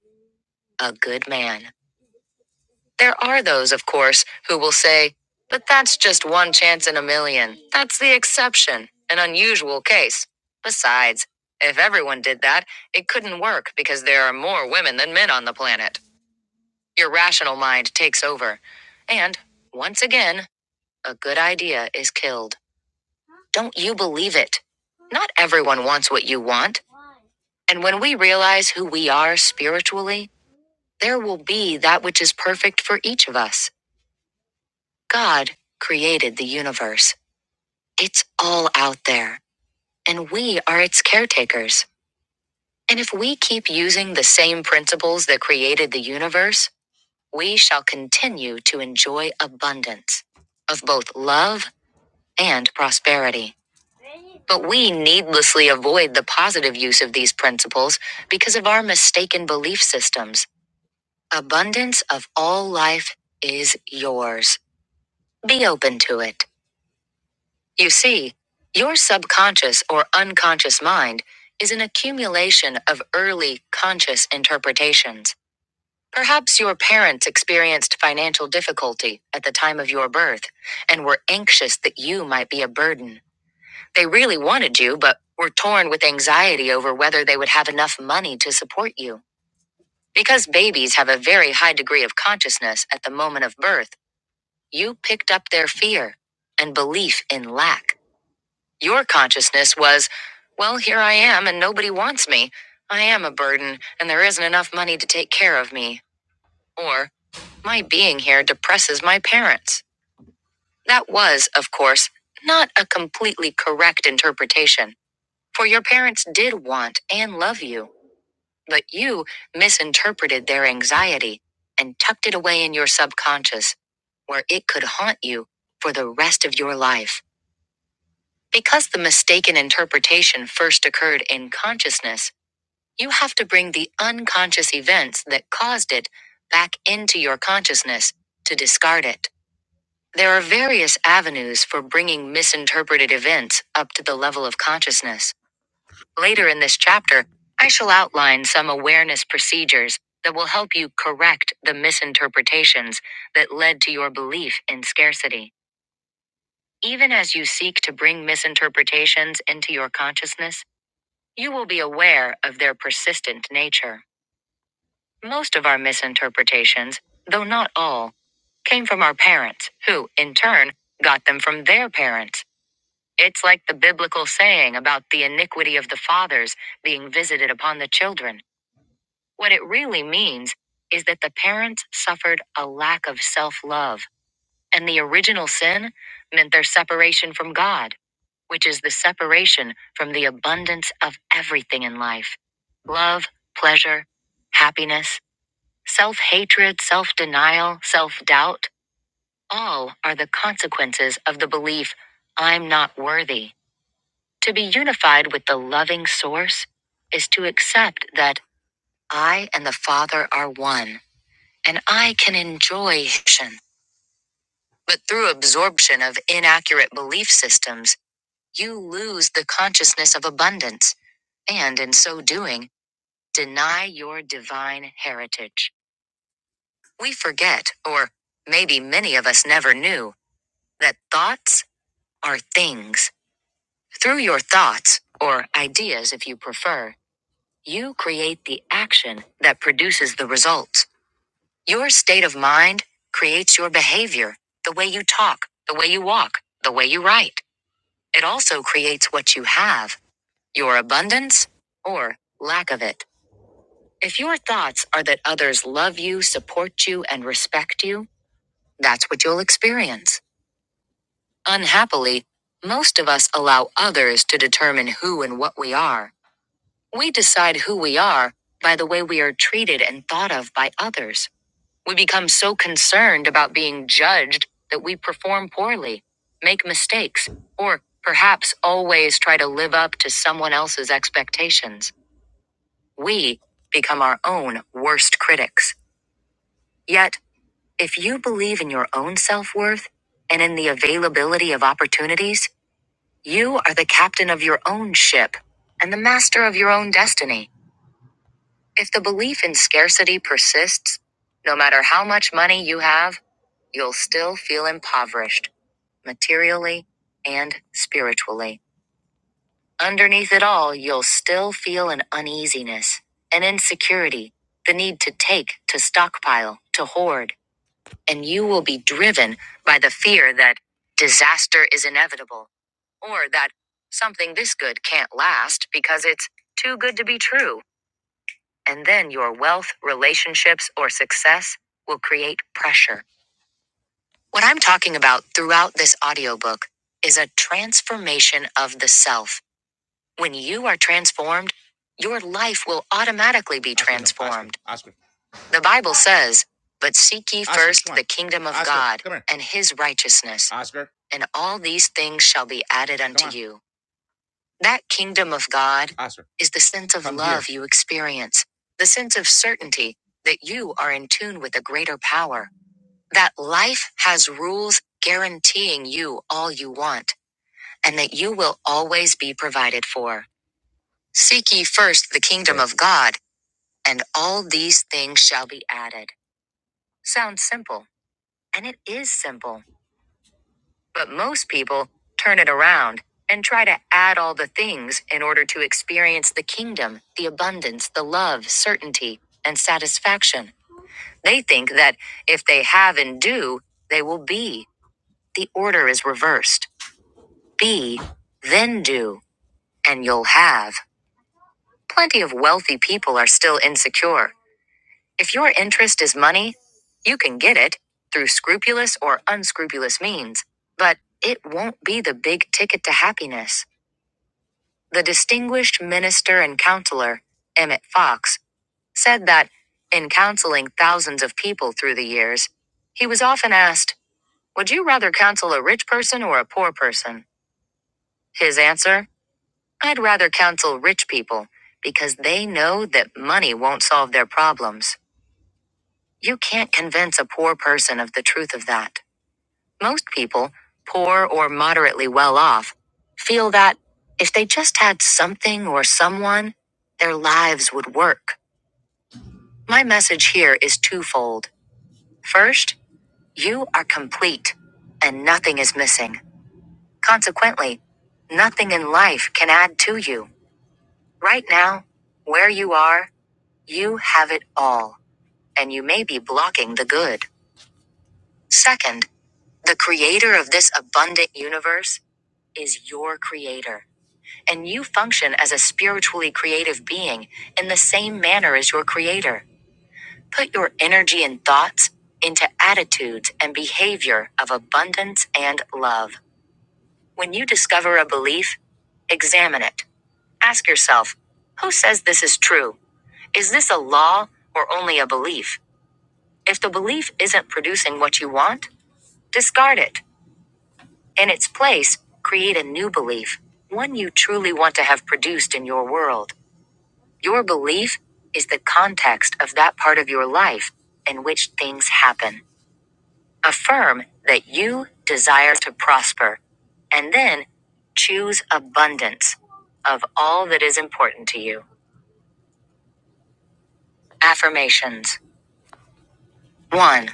[SPEAKER 1] a good man. There are those, of course, who will say, but that's just one chance in a million. That's the exception, an unusual case. Besides, if everyone did that, it couldn't work because there are more women than men on the planet. Your rational mind takes over. And, once again, a good idea is killed. Don't you believe it? Not everyone wants what you want. And when we realize who we are spiritually, there will be that which is perfect for each of us. God created the universe. It's all out there, and we are its caretakers. And if we keep using the same principles that created the universe, we shall continue to enjoy abundance of both love and prosperity. But we needlessly avoid the positive use of these principles because of our mistaken belief systems. Abundance of all life is yours. Be open to it. You see, your subconscious or unconscious mind is an accumulation of early conscious interpretations. Perhaps your parents experienced financial difficulty at the time of your birth and were anxious that you might be a burden. They really wanted you, but were torn with anxiety over whether they would have enough money to support you. Because babies have a very high degree of consciousness at the moment of birth, you picked up their fear and belief in lack. Your consciousness was, well, here I am and nobody wants me. I am a burden and there isn't enough money to take care of me. Or, my being here depresses my parents. That was, of course, not a completely correct interpretation, for your parents did want and love you, but you misinterpreted their anxiety and tucked it away in your subconscious, where it could haunt you for the rest of your life. Because the mistaken interpretation first occurred in consciousness, you have to bring the unconscious events that caused it back into your consciousness to discard it. There are various avenues for bringing misinterpreted events up to the level of consciousness. Later in this chapter, I shall outline some awareness procedures that will help you correct the misinterpretations that led to your belief in scarcity. Even as you seek to bring misinterpretations into your consciousness, You will be aware of their persistent nature. Most of our misinterpretations, though not all, came from our parents, who, in turn, got them from their parents. It's like the biblical saying about the iniquity of the fathers being visited upon the children. What it really means is that the parents suffered a lack of self love, and the original sin meant their separation from God which is the separation from the abundance of everything in life love, pleasure, happiness, self hatred, self denial, self doubt. All are the consequences of the belief, I'm not worthy. To be unified with the loving source is to accept that I and the Father are one, and I can enjoy action. But through absorption of inaccurate belief systems, you lose the consciousness of abundance and in so doing, deny your divine heritage. We forget, or maybe many of us never knew, that thoughts are things. Through your thoughts, or ideas if you prefer, you create the action that produces the results. Your state of mind creates your behavior, the way you talk, the way you walk, the way you write. It also creates what you have, your abundance or lack of it. If your thoughts are that others love you, support you, and respect you, that's what you'll experience. Unhappily, most of us allow others to determine who and what we are. We decide who we are by the way we are treated and thought of by others. We become so concerned about being judged that we perform poorly, make mistakes, or perhaps always try to live up to someone else's expectations. We become our own worst critics. Yet, If you believe in your own self worth and in the availability of opportunities, you are the captain of your own ship and the master of your own destiny. If the belief in scarcity persists, no matter how much money you have, you'll still feel impoverished, materially and spiritually. Underneath it all, you'll still feel an uneasiness, an insecurity, the need to take, to stockpile, to hoard. and you will be driven by the fear that disaster is inevitable or that something this good can't last because it's too good to be true. And then your wealth, relationships, or success will create pressure. What I'm talking about throughout this audiobook is a transformation of the self. When you are transformed, your life will automatically be transformed. The Bible says, But seek ye first the kingdom of God and his righteousness and all these things shall be added unto you. That kingdom of God is the sense of Come here. love here. you experience, the sense of certainty that you are in tune with a greater power, that life has rules guaranteeing you all you want, and that you will always be provided for. Seek ye first the kingdom of God, and all these things shall be added. Sounds simple, and it is simple. But most people turn it around and try to add all the things in order to experience the kingdom, the abundance, the love, certainty, and satisfaction. They think that if they have and do, they will be. The order is reversed be, then do, and you'll have. Plenty of wealthy people are still insecure. If your interest is money, you can get it through scrupulous or unscrupulous means, but it won't be the big ticket to happiness. The distinguished minister and counselor, Emmett Fox, said that, in counseling thousands of people through the years, he was often asked, Would you rather counsel a rich person or a poor person? His answer, I'd rather counsel rich people because they know that money won't solve their problems. You can't convince a poor person of the truth of that. Most people, poor or moderately well off, feel that if they just had something or someone, their lives would work. My message here is twofold. First, you are complete and nothing is missing. Consequently, nothing in life can add to you. Right now, where you are, you have it all, and you may be blocking the good. Second, the creator of this abundant universe is your creator. and you function as a spiritually creative being in the same manner as your creator. Put your energy and thoughts into attitudes and behavior of abundance and love. When you discover a belief, examine it. Ask yourself, who says this is true? Is this a law or only a belief? If the belief isn't producing what you want, discard it. In its place, create a new belief, one you truly want to have produced in your world. Your belief is the context of that part of your life in which things happen. Affirm that you desire to prosper and then choose abundance of all that is important to you. Affirmations 1.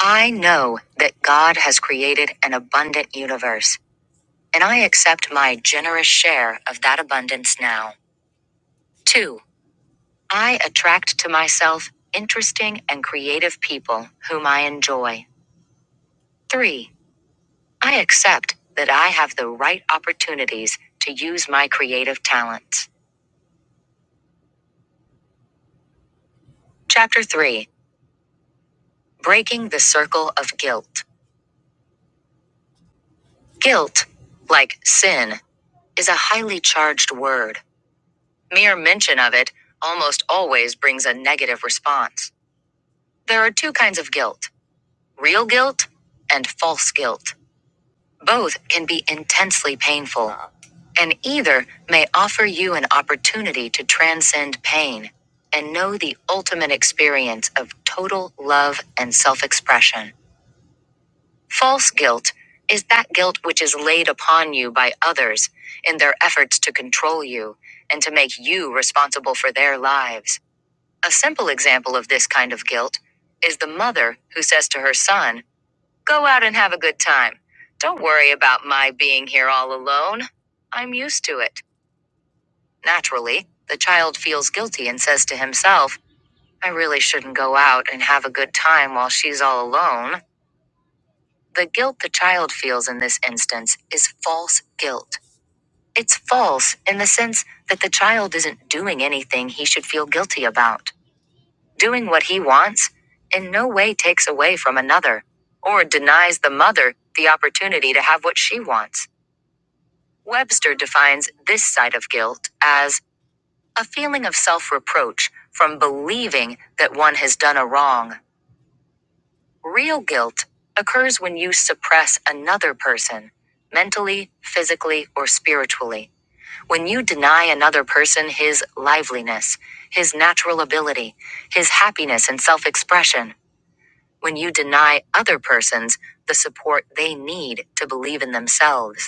[SPEAKER 1] I know that God has created an abundant universe, and I accept my generous share of that abundance now. 2. I attract to myself interesting and creative people whom I enjoy. Three, I accept that I have the right opportunities to use my creative talents. Chapter three, breaking the circle of guilt. Guilt, like sin, is a highly charged word. Mere mention of it almost always brings a negative response. There are two kinds of guilt real guilt and false guilt. Both can be intensely painful, and either may offer you an opportunity to transcend pain and know the ultimate experience of total love and self expression. False guilt is that guilt which is laid upon you by others in their efforts to control you and to make you responsible for their lives. A simple example of this kind of guilt is the mother who says to her son, Go out and have a good time. Don't worry about my being here all alone. I'm used to it. Naturally, the child feels guilty and says to himself, I really shouldn't go out and have a good time while she's all alone. The guilt the child feels in this instance is false guilt. It's false in the sense that the child isn't doing anything he should feel guilty about. Doing what he wants in no way takes away from another or denies the mother the opportunity to have what she wants. Webster defines this side of guilt as a feeling of self reproach from believing that one has done a wrong. Real guilt occurs when you suppress another person, mentally, physically, or spiritually. When you deny another person his liveliness, his natural ability, his happiness and self expression. When you deny other persons the support they need to believe in themselves.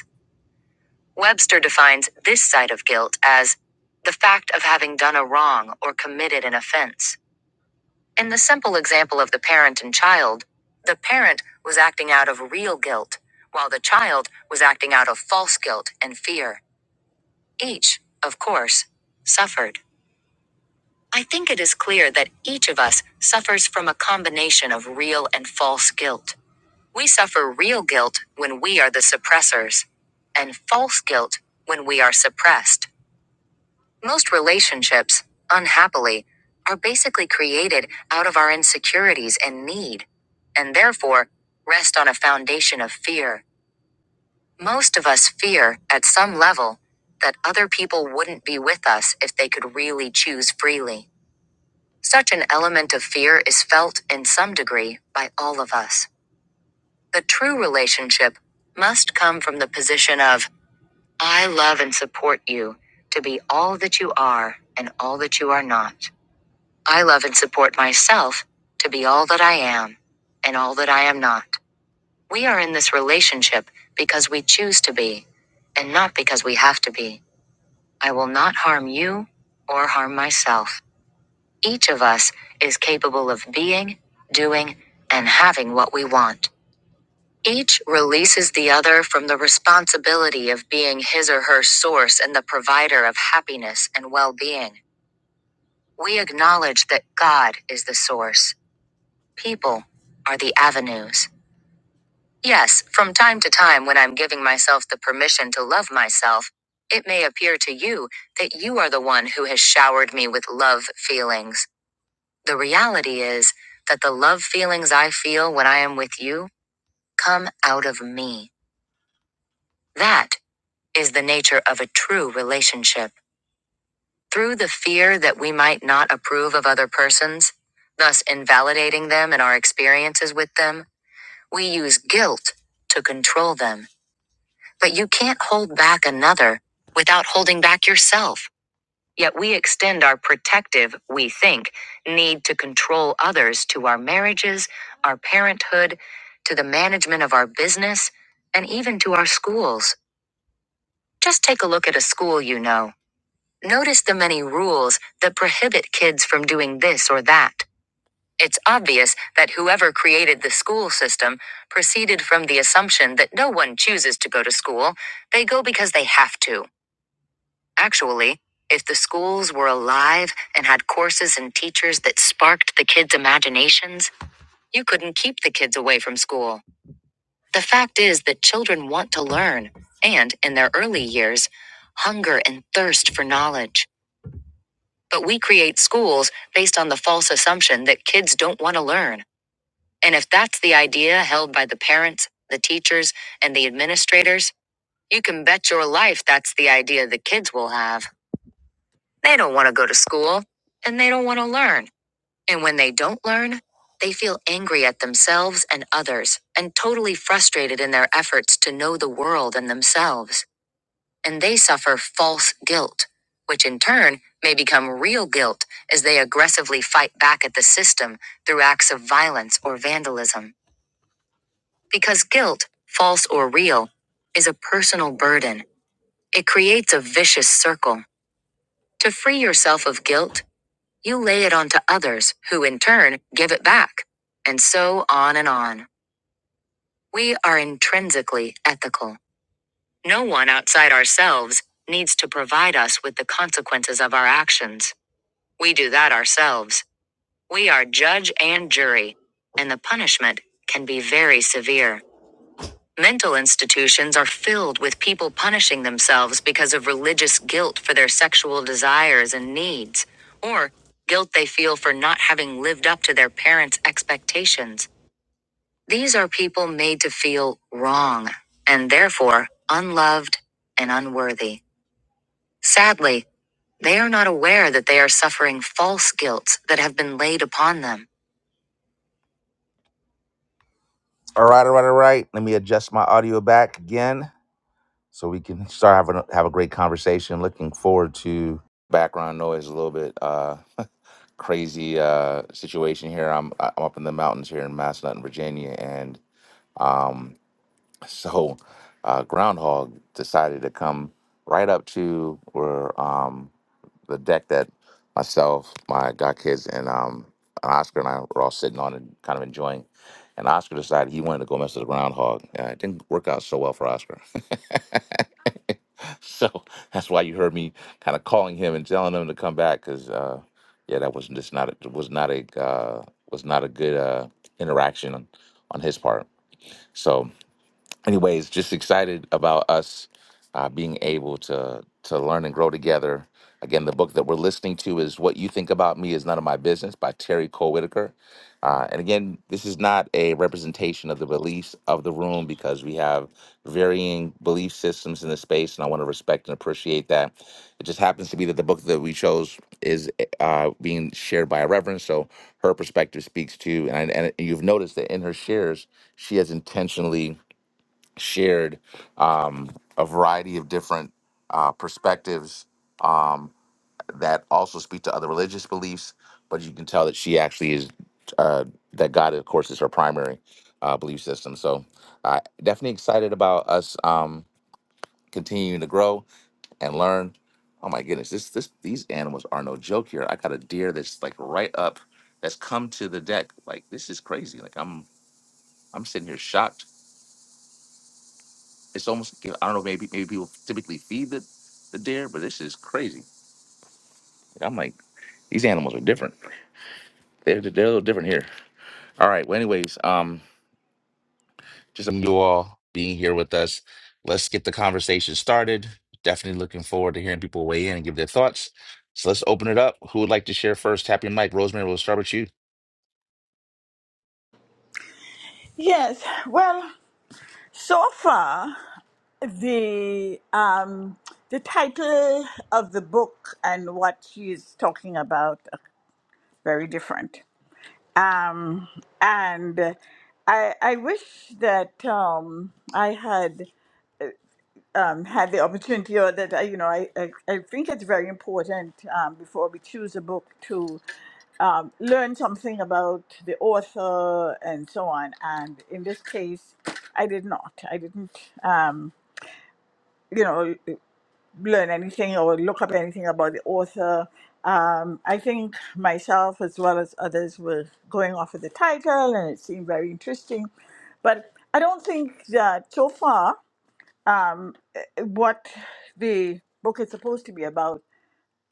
[SPEAKER 1] Webster defines this side of guilt as the fact of having done a wrong or committed an offense. In the simple example of the parent and child, the parent was acting out of real guilt, while the child was acting out of false guilt and fear. Each, of course, suffered. I think it is clear that each of us suffers from a combination of real and false guilt. We suffer real guilt when we are the suppressors, and false guilt when we are suppressed. Most relationships, unhappily, are basically created out of our insecurities and need, and therefore rest on a foundation of fear. Most of us fear, at some level, that other people wouldn't be with us if they could really choose freely. Such an element of fear is felt, in some degree, by all of us. The true relationship must come from the position of, I love and support you to be all that you are and all that you are not. I love and support myself to be all that I am and all that I am not. We are in this relationship because we choose to be and not because we have to be. I will not harm you or harm myself. Each of us is capable of being, doing, and having what we want. Each releases the other from the responsibility of being his or her source and the provider of happiness and well being. We acknowledge that God is the source People are the avenues. Yes, from time to time, when I'm giving myself the permission to love myself, it may appear to you that you are the one who has showered me with love feelings. The reality is that the love feelings I feel when I am with you come out of me. That is the nature of a true relationship. Through the fear that we might not approve of other persons, thus invalidating them in our experiences with them, We use guilt to control them. But you can't hold back another without holding back yourself. Yet we extend our protective, we think, need to control others to our marriages, our parenthood, to the management of our business, and even to our schools. Just take a look at a school you know. Notice the many rules that prohibit kids from doing this or that. It's obvious that whoever created the school system proceeded from the assumption that no one chooses to go to school, they go because they have to. Actually, if the schools were alive and had courses and teachers that sparked the kids' imaginations, you couldn't keep the kids away from school. The fact is that children want to learn, and in their early years, hunger and thirst for knowledge. But we create schools based on the false assumption that kids don't want to learn. And if that's the idea held by the parents, the teachers, and the administrators, you can bet your life that's the idea the kids will have. They don't want to go to school, and they don't want to learn. And when they don't learn, they feel angry at themselves and others, and totally frustrated in their efforts to know the world and themselves. And they suffer false guilt, which in turn may become real guilt as they aggressively fight back at the system through acts of violence or vandalism. Because guilt, false or real, is a personal burden. It creates a vicious circle. To free yourself of guilt, you lay it onto others, who in turn give it back. And so on and on. We are intrinsically ethical. No one outside ourselves needs to provide us with the consequences of our actions. We do that ourselves. We are judge and jury, and the punishment can be very severe. Mental institutions are filled with people punishing themselves because of religious guilt for their sexual desires and needs, or guilt they feel for not having lived up to their parents' expectations. These are people made to feel wrong, and therefore unloved and unworthy. Sadly, they are not aware that they are suffering false guilt that have been laid upon them. All right, all right, all right. Let me adjust my audio back again. so we can start having a- have a great conversation. Looking forward to background noise a little bit. Uh, crazy uh, situation here. I'm I- am i am up in the mountains here in Massillon, Virginia, and um, so uh, groundhog decided to come right up to where. Um, the deck that myself, my god kids, and um and Oscar and I were all sitting on and kind of enjoying. And Oscar decided he wanted to go mess with the groundhog. Uh, it didn't work out so well for Oscar. so that's why you heard me kind of calling him and telling him to come back because uh, yeah, that was just not a, was not a uh, was not a good uh, interaction on, on his part. So anyways, just excited about us uh, being able to to learn and grow together. Again, the book that we're listening to is "What You Think About Me Is None of My Business" by Terry Cole Whitaker. Uh, and again, this is not a representation of the beliefs of the room because we have varying belief systems in the space, and I want to respect and appreciate that. It just happens to be that the book that we chose is uh, being shared by a reverend, so her perspective speaks to, and, I, and you've noticed that in her shares, she has intentionally shared um, a variety of different uh, perspectives um, that also speak to other religious beliefs, but you can tell that she actually is uh, that God, of course, is her primary uh, belief system. So, uh, definitely excited about us um, continuing to grow and learn. Oh my goodness, this this these animals are no joke here. I got a deer that's like right up, that's come to the deck. Like this is crazy. Like I'm I'm sitting here shocked It's almost I don't know maybe maybe people typically feed the the deer, but this is crazy. I'm like these animals are different. They're they're a little different here. All right. Well, anyways, um, just thank you all being here with us. Let's get the conversation started. Definitely looking forward to hearing people weigh in and give their thoughts. So let's open it up. Who would like to share first? Tap your mic. Rosemary, we'll start with you.
[SPEAKER 6] Yes, well, so far. the um the title of the book and what she is talking about are very different um and i i wish that um i had um had the opportunity or that I, you know I, I i think it's very important um before we choose a book to um learn something about the author and so on and in this case i did not i didn't um you know learn anything or look up anything about the author. Um, I think myself as well as others were going off of the title, and it seemed very interesting. But I don't think that so far, what the book is supposed to be about,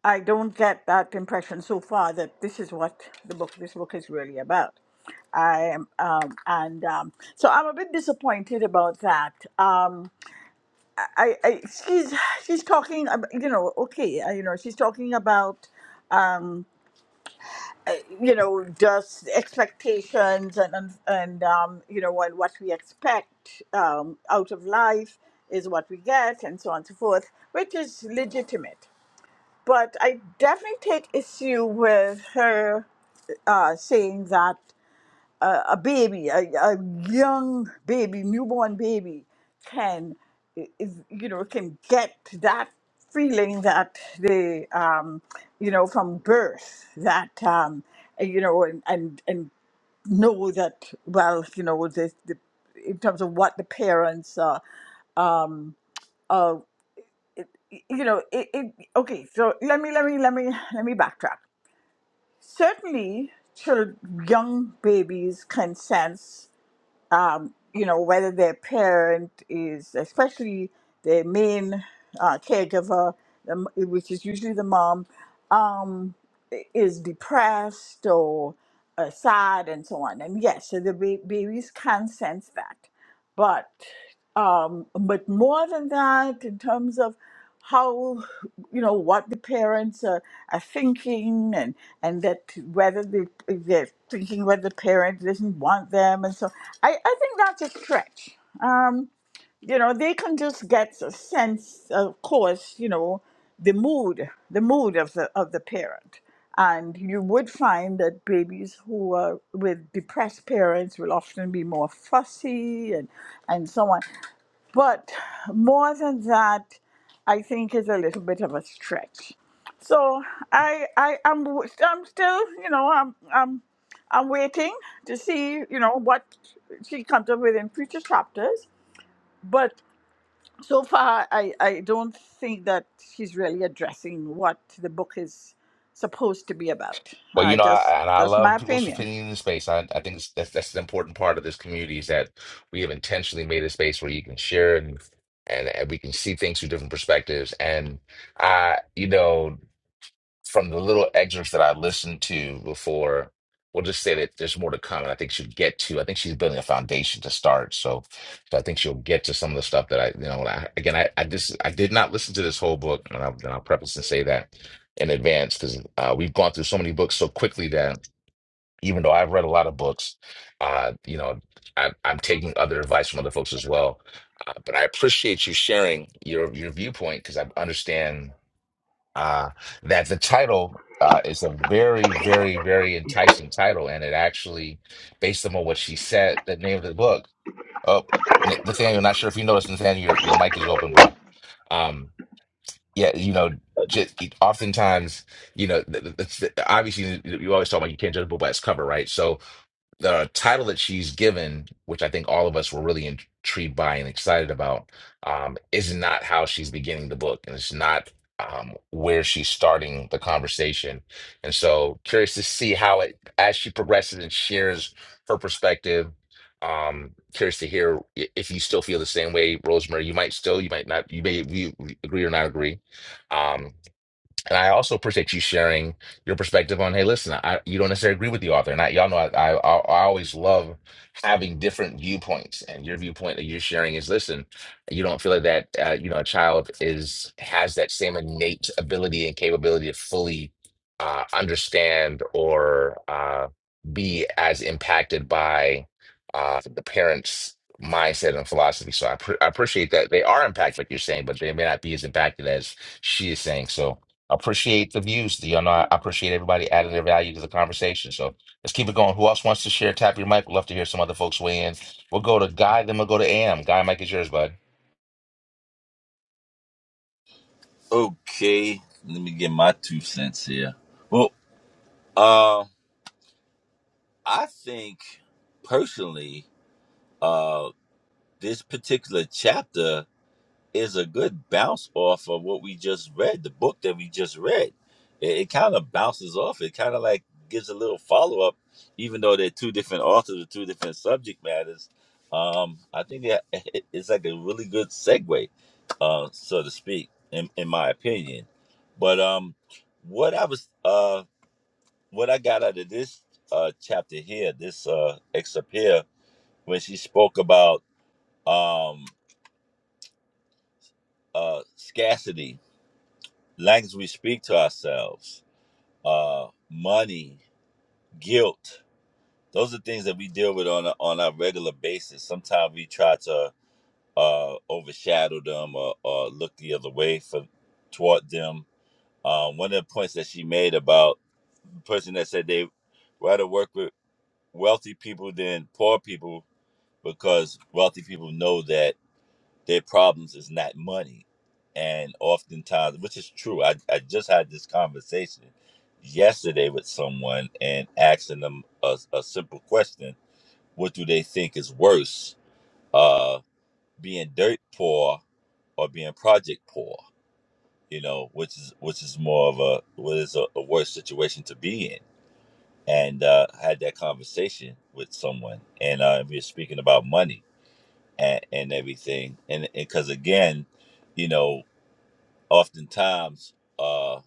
[SPEAKER 6] I don't get that impression so far that this is what the book, this book is really about. I am, um, and um, so I'm a bit disappointed about that. Um, I, I she's she's talking ab you know okay uh, you know she's talking about um uh, you know just expectations and and and, um you know and what we expect um out of life is what we get and so on and so forth which is legitimate but I definitely take issue with her uh saying that a baby, a, a young baby, newborn baby, can is you know can get that feeling that they um, you know from birth that um, you know and and, and know that well you know the, the in terms of what the parents are um, are you know it, it okay so let me let me let me let me backtrack certainly children, young babies can sense um, you know, whether their parent is, especially their main uh, caregiver, the m- which is usually the mom, um, i- is depressed or uh, sad and so on. And yes, so the ba- babies can sense that. But um, but more than that, in terms of how you know what the parents are, are thinking and and that whether the, they're thinking whether the parent doesn't want them and so i i think that's a stretch um you know they can just get a sense of course you know the mood the mood of the of the parent and you would find that babies who are with depressed parents will often be more fussy and and so on but more than that, I think is a little bit of a stretch. So I I am w- I'm, am still you know I'm I'm I'm waiting to see you know what she comes up with in future chapters. But so far, I I don't think that she's really addressing what the book is supposed to be about.
[SPEAKER 1] Well, you
[SPEAKER 6] I
[SPEAKER 1] know,
[SPEAKER 6] just
[SPEAKER 1] I, and I
[SPEAKER 6] that's my
[SPEAKER 1] love people's
[SPEAKER 6] opinion.
[SPEAKER 1] opinion in the space. I, I think that's, that's that's an important part of this community is that we have intentionally made a space where you can share and, and and we can see things through different perspectives. And I, you know, from the little excerpts that I listened to before, we'll just say that there's more to come, and I think she'll get to. I think she's building a foundation to start, so, so I think she'll get to some of the stuff that I, you know, I, again, I, I just I did not listen to this whole book, and I'll, and I'll preface and say that in advance because uh, we've gone through so many books so quickly that even though I've read a lot of books, uh, you know, I, I'm taking other advice from other folks as well. Uh, but I appreciate you sharing your your viewpoint because I understand uh, that the title uh, is a very, very, very enticing title, and it actually, based on what she said, the name of the book. Oh, N- Nathaniel, not sure if you noticed, Nathaniel, your your mic is open, bro. Um, yeah, you know, just oftentimes, you know, th- th- that's- obviously you always talk about you can't judge a book by its cover, right? So the title that she's given, which I think all of us were really intrigued by and excited about, um, is not how she's beginning the book, and it's not um, where she's starting the conversation. And so, curious to see how it, as she progresses and shares her perspective. Um, curious to hear i- if you still feel the same way, Rosemary. You might still, you might not, you may we agree or not agree. Um, and I also appreciate you sharing your perspective on, hey, listen, I, you don't necessarily agree with the author. And I, y'all know I, I, I always love having different viewpoints. And your viewpoint that you're sharing is, listen, you don't feel like that, uh, you know, a child is has that same innate ability and capability to fully uh, understand or uh, be as impacted by uh, the parents' mindset and philosophy. So I, pre- I appreciate that they are impacted, like you're saying, but they may not be as impacted as she is saying. So Appreciate the views. You know, I appreciate everybody adding their value to the conversation. So let's keep it going. Who else wants to share? Tap your mic. We'd love to hear some other folks weigh in. We'll go to Guy, then we'll go to AM. Guy, mic is yours, bud.
[SPEAKER 10] Okay, let me get my two cents here. Well, uh, I think personally, uh, this particular chapter is a good bounce off of what we just read, the book that we just read. It, it kind of bounces off. It kind of like gives a little follow up, even though they're two different authors with two different subject matters. Um, I think that it, it's like a really good segue, uh, so to speak, in, in my opinion. But um, what I was, uh, what I got out of this uh, chapter here, this uh, excerpt here, when she spoke about um, uh, scarcity language we speak to ourselves, uh, money, guilt. Those are things that we deal with on a, on a regular basis. Sometimes we try to uh, overshadow them or, or look the other way for toward them. Um, one of the points that she made about the person that said they rather work with wealthy people than poor people because wealthy people know that. Their problems is not money. And oftentimes, which is true, I, I just had this conversation yesterday with someone and asking them a, a simple question What do they think is worse, uh, being dirt poor or being project poor? You know, which is which is more of a what is a, a worse situation to be in, and uh, I had that conversation with someone, and uh, we were speaking about money and, and everything, and because again, you know oftentimes, uh,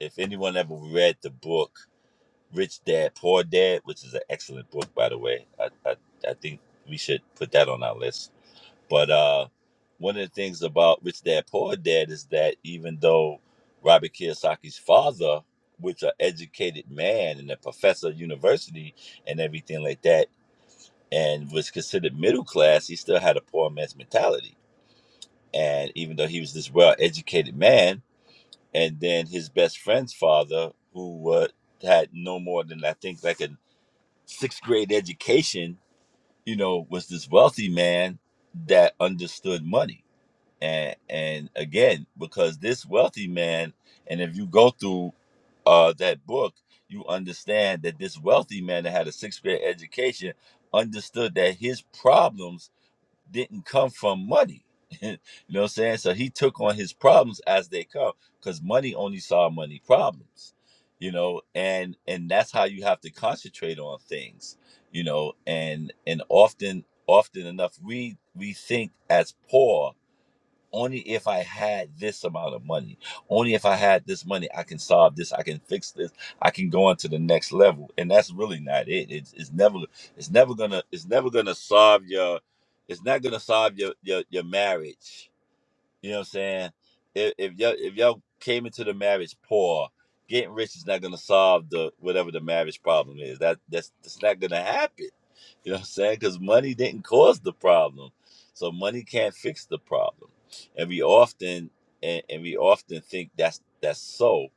[SPEAKER 10] if anyone ever read the book Rich Dad Poor Dad, which is an excellent book, by the way, I, I, I think we should put that on our list. But uh, one of the things about Rich Dad Poor Dad is that even though Robert Kiyosaki's father, which an educated man and a professor at university and everything like that, and was considered middle class, he still had a poor man's mentality. And even though he was this well educated man, and then his best friend's father, who uh, had no more than I think like a sixth grade education, you know, was this wealthy man that understood money. And and again, because this wealthy man, and if you go through uh, that book, you understand that this wealthy man that had a sixth grade education understood that his problems didn't come from money. you know what I'm saying? So he took on his problems as they come because money only solve money problems. You know, and and that's how you have to concentrate on things, you know, and and often often enough we we think as poor only if I had this amount of money, only if I had this money, I can solve this, I can fix this, I can go on to the next level. And that's really not it. It's, it's never, it's never gonna, it's never gonna solve your, it's not gonna solve your your, your marriage. You know what I'm saying? If if y'all if y'all came into the marriage poor, getting rich is not gonna solve the whatever the marriage problem is. That that's that's not gonna happen. You know what I'm saying? Because money didn't cause the problem, so money can't fix the problem. And we often and, and we often think that's that's so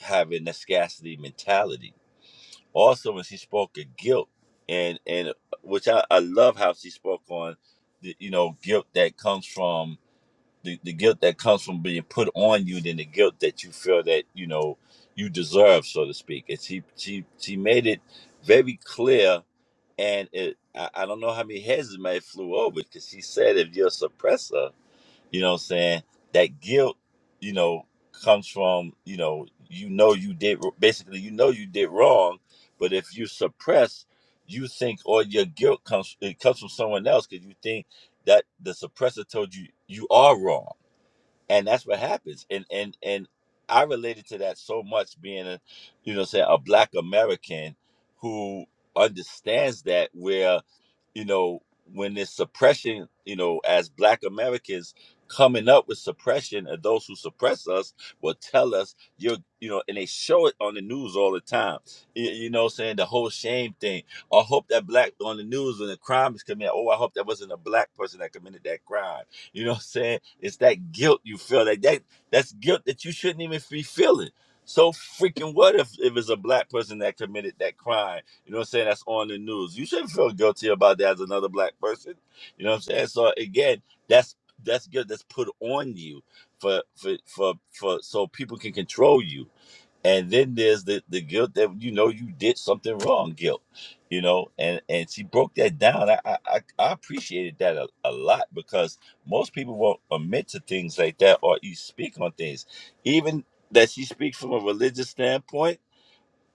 [SPEAKER 10] having a scarcity mentality. Also, when she spoke of guilt, and and uh, which I, I love how she spoke on the you know guilt that comes from the, the guilt that comes from being put on you than the guilt that you feel that you know you deserve so to speak and she she she made it very clear and it i, I don't know how many heads it may have flew over because she said if you're a suppressor you know what i'm saying that guilt you know comes from you know you know you did basically you know you did wrong but if you suppress you think all your guilt comes it comes from someone else because you think that the suppressor told you you are wrong and that's what happens and and and i related to that so much being a you know say a black american who understands that where you know when this suppression you know as black americans coming up with suppression and those who suppress us will tell us you're you know and they show it on the news all the time you, you know what I'm saying the whole shame thing i hope that black on the news when the crime is committed oh i hope that wasn't a black person that committed that crime you know what I'm saying? It's that guilt you feel like that that's guilt that you shouldn't even be feeling. So freaking what if, if it's a black person that committed that crime? You know what I'm saying? That's on the news. You shouldn't feel guilty about that as another black person. You know what I'm saying? So again, that's that's guilt that's put on you for for for for so people can control you and then there's the the guilt that you know you did something wrong guilt you know and and she broke that down i i, I I appreciated that a, a lot because most people won't admit to things like that or you speak on things even that she speaks from a religious standpoint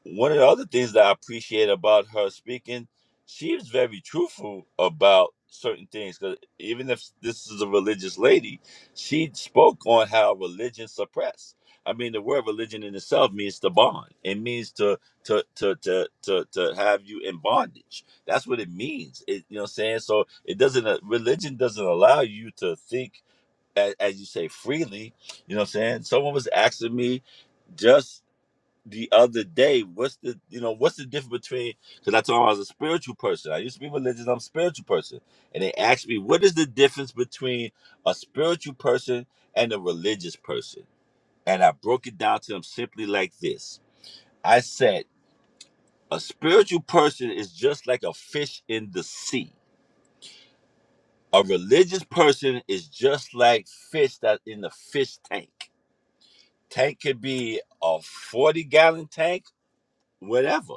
[SPEAKER 10] one of the other things that I appreciate about her speaking, she's very truthful about certain things. Because even if this is a religious lady, she spoke on how religion suppress. I mean, the word religion in itself means to bond. It means to to to to to, to have you in bondage. That's what it means. It, you know what I'm saying? So it doesn't. uh, Religion doesn't allow you to think. a- As you say, freely, you know what I'm saying? Someone was asking me just the other day. What's the you know what's the difference between? Because I told them I was a spiritual person. I used to be religious. I'm a spiritual person, and they asked me what is the difference between a spiritual person and a religious person, and I broke it down to them simply like this. I said a spiritual person is just like a fish in the sea. A religious person is just like fish that in the fish tank. Tank could be a 40 gallon tank, whatever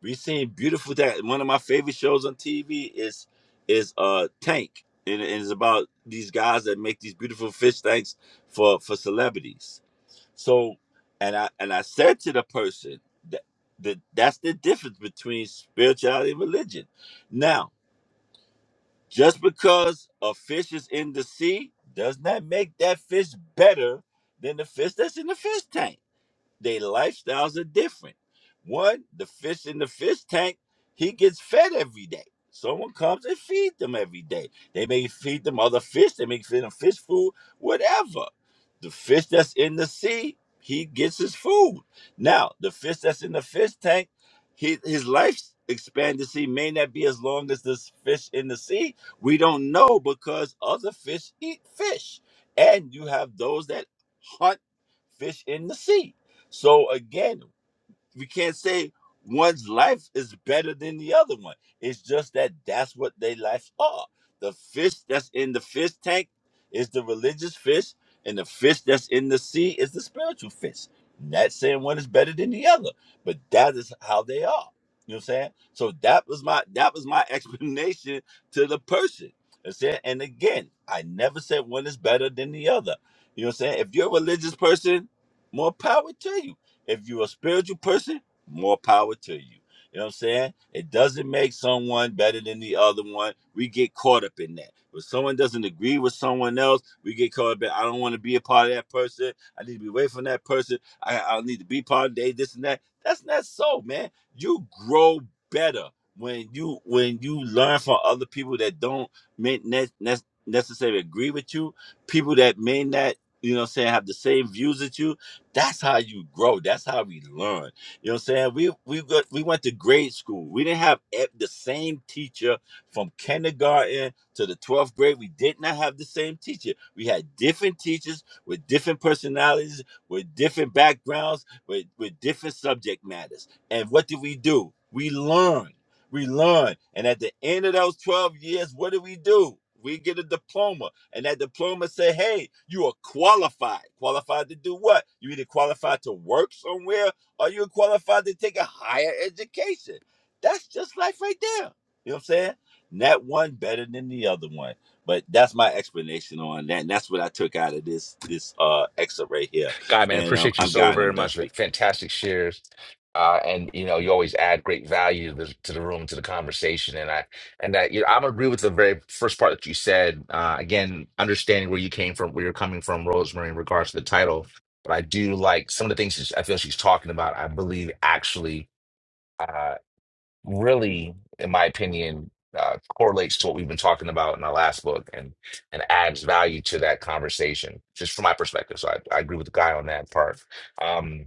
[SPEAKER 10] We seen beautiful that one of my favorite shows on TV is is uh Tank. And it is about these guys that make these beautiful fish tanks for for celebrities. So and I and I said to the person that, that that's the difference between spirituality and religion. Now, just because a fish is in the sea does not make that fish better than the fish that's in the fish tank their lifestyles are different. One, the fish in the fish tank, he gets fed every day. Someone comes and feeds them every day. They may feed them other fish, they may feed them fish food, whatever. The fish that's in the sea, he gets his food. Now, the fish that's in the fish tank, he, his life expectancy may not be as long as this fish in the sea. We don't know because other fish eat fish. And you have those that hunt fish in the sea so again, we can't say one's life is better than the other one. It's just that that's what their life are. The fish that's in the fish tank is the religious fish, and the fish that's in the sea is the spiritual fish. Not saying one is better than the other, but that is how they are. You know what I'm saying? So that was my that was my explanation to the person. I said, and again, I never said one is better than the other. You know what I'm saying? If you're a religious person, more power to you if you're a spiritual person, more power to you. You know what I'm saying? It doesn't make someone better than the other one. We get caught up in that. When someone doesn't agree with someone else, we get caught up in, I don't want to be a part of that person. I need to be away from that person. I, I need to be part of they, this and that. That's not so, man. You grow better when you when you learn from other people that don't may ne- ne- necessarily agree with you, people that may not, you know what I'm saying, have the same views as you that's how you grow. That's how we learn. You know what I'm saying? We we got, we went to grade school. We didn't have e- the same teacher from kindergarten to the 12th grade. We did not have the same teacher. We had different teachers with different personalities, with different backgrounds, with, with different subject matters. And what did we do? We learned we learn. And at the end of those 12 years, what do we do? We get a diploma. And that diploma say, hey, you are qualified. Qualified to do what? You either qualified to work somewhere or you're qualified to take a higher education. That's just life right there. You know what I'm saying? Not one better than the other one. But that's my explanation on that. And that's what I took out of this this uh excerpt right here.
[SPEAKER 1] Guy, man,
[SPEAKER 10] And um,
[SPEAKER 1] appreciate you
[SPEAKER 10] I'm
[SPEAKER 1] so
[SPEAKER 10] God and
[SPEAKER 1] very
[SPEAKER 10] I'm done
[SPEAKER 1] much.
[SPEAKER 10] speaking.
[SPEAKER 1] Fantastic shares. Uh, and you know, you always add great value to the, to the room, to the conversation. And I and that you know, I'm agree with the very first part that you said. Uh, again, understanding where you came from, where you're coming from, Rosemary, in regards to the title. But I do like some of the things she's- I feel she's talking about. I believe actually uh, really, in my opinion, uh, correlates to what we've been talking about in our last book and and adds value to that conversation, just from my perspective. So I, I agree with the guy on that part. Um,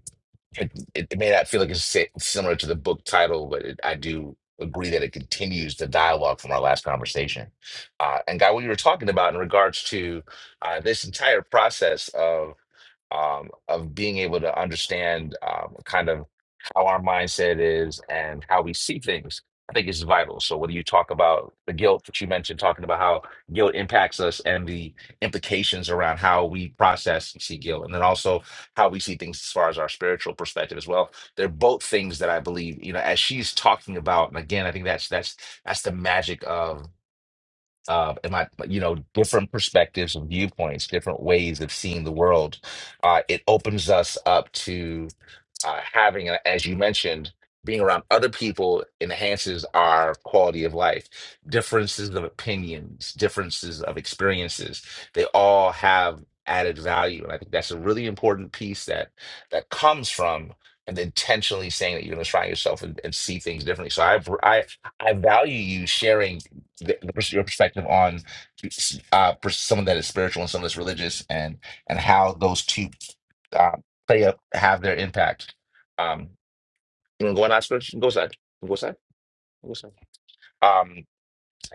[SPEAKER 1] it, it it may not feel like it's si- similar to the book title, but it, I do agree that it continues the dialogue from our last conversation. Uh, and Guy, what you were talking about in regards to uh, this entire process of um, of being able to understand um, kind of how our mindset is and how we see things, I think is vital. So whether you talk about the guilt that you mentioned, talking about how guilt impacts us and the implications around how we process and see guilt, and then also how we see things as far as our spiritual perspective as well. They're both things that I believe, you know, as she's talking about, and again, I think that's that's that's the magic of uh, and my you know different perspectives and viewpoints different ways of seeing the world uh, it opens us up to uh, having a- as you mentioned being around other people enhances our quality of life differences of opinions differences of experiences they all have added value and i think that's a really important piece that that comes from and intentionally saying that you're going to try yourself and, and see things differently so i i i value you sharing the, the, pers- your perspective on uh, pers- some of that is spiritual and some of that's religious, and and how those two uh, play up have their impact. Um, you wanna go on that switch? Go side. Go side. Go side. Um,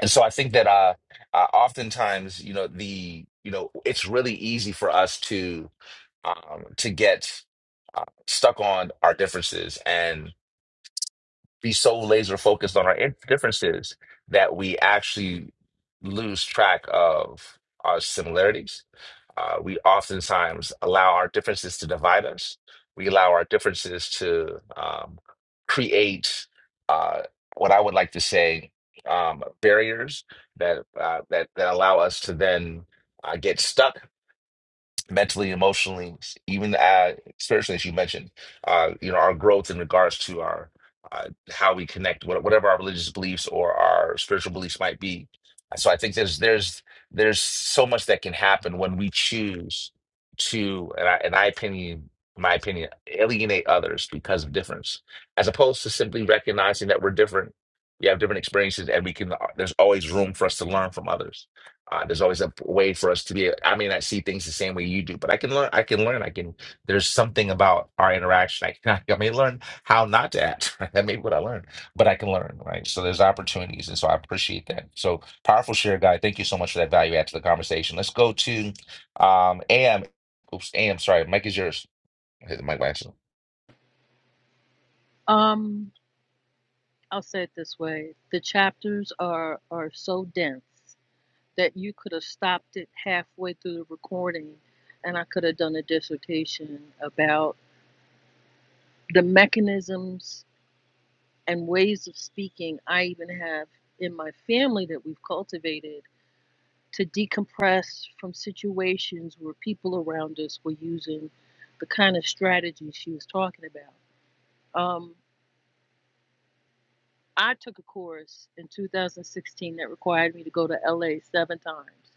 [SPEAKER 1] and so I think that uh, uh, oftentimes, you know, the you know, it's really easy for us to um, to get uh, stuck on our differences and. be so laser focused on our in- differences that we actually lose track of our similarities. Uh, we oftentimes allow our differences to divide us. We allow our differences to um, create uh, what I would like to say um, barriers that uh, that that allow us to then uh, get stuck mentally, emotionally, even uh, spiritually, as you mentioned, uh, you know, our growth in regards to our uh, how we connect, what- whatever our religious beliefs or our spiritual beliefs might be. So I think there's there's there's so much that can happen when we choose to, and I, in I opinion, my opinion, alienate others because of difference, as opposed to simply recognizing that we're different. We have different experiences, and we can. uh, There's always room for us to learn from others. Uh, there's always a way for us to be. I mean, I see things the same way you do, but I can learn. I can learn. I can. There's something about our interaction. I can. I may learn how not to act. Right? That may be what I learned, but I can learn, right? So there's opportunities, and so I appreciate that. So powerful share, guy. Thank you so much for that value add to the conversation. Let's go to um, AM. Oops, AM. Sorry, Mike is yours. I hit the mic by accident.
[SPEAKER 5] Um, I'll say it this way: the chapters are are so dense that you could have stopped it halfway through the recording, and I could have done a dissertation about the mechanisms and ways of speaking I even have in my family that we've cultivated to decompress from situations where people around us were using the kind of strategy she was talking about. Um, I took a course in 2016 that required me to go to LA seven times.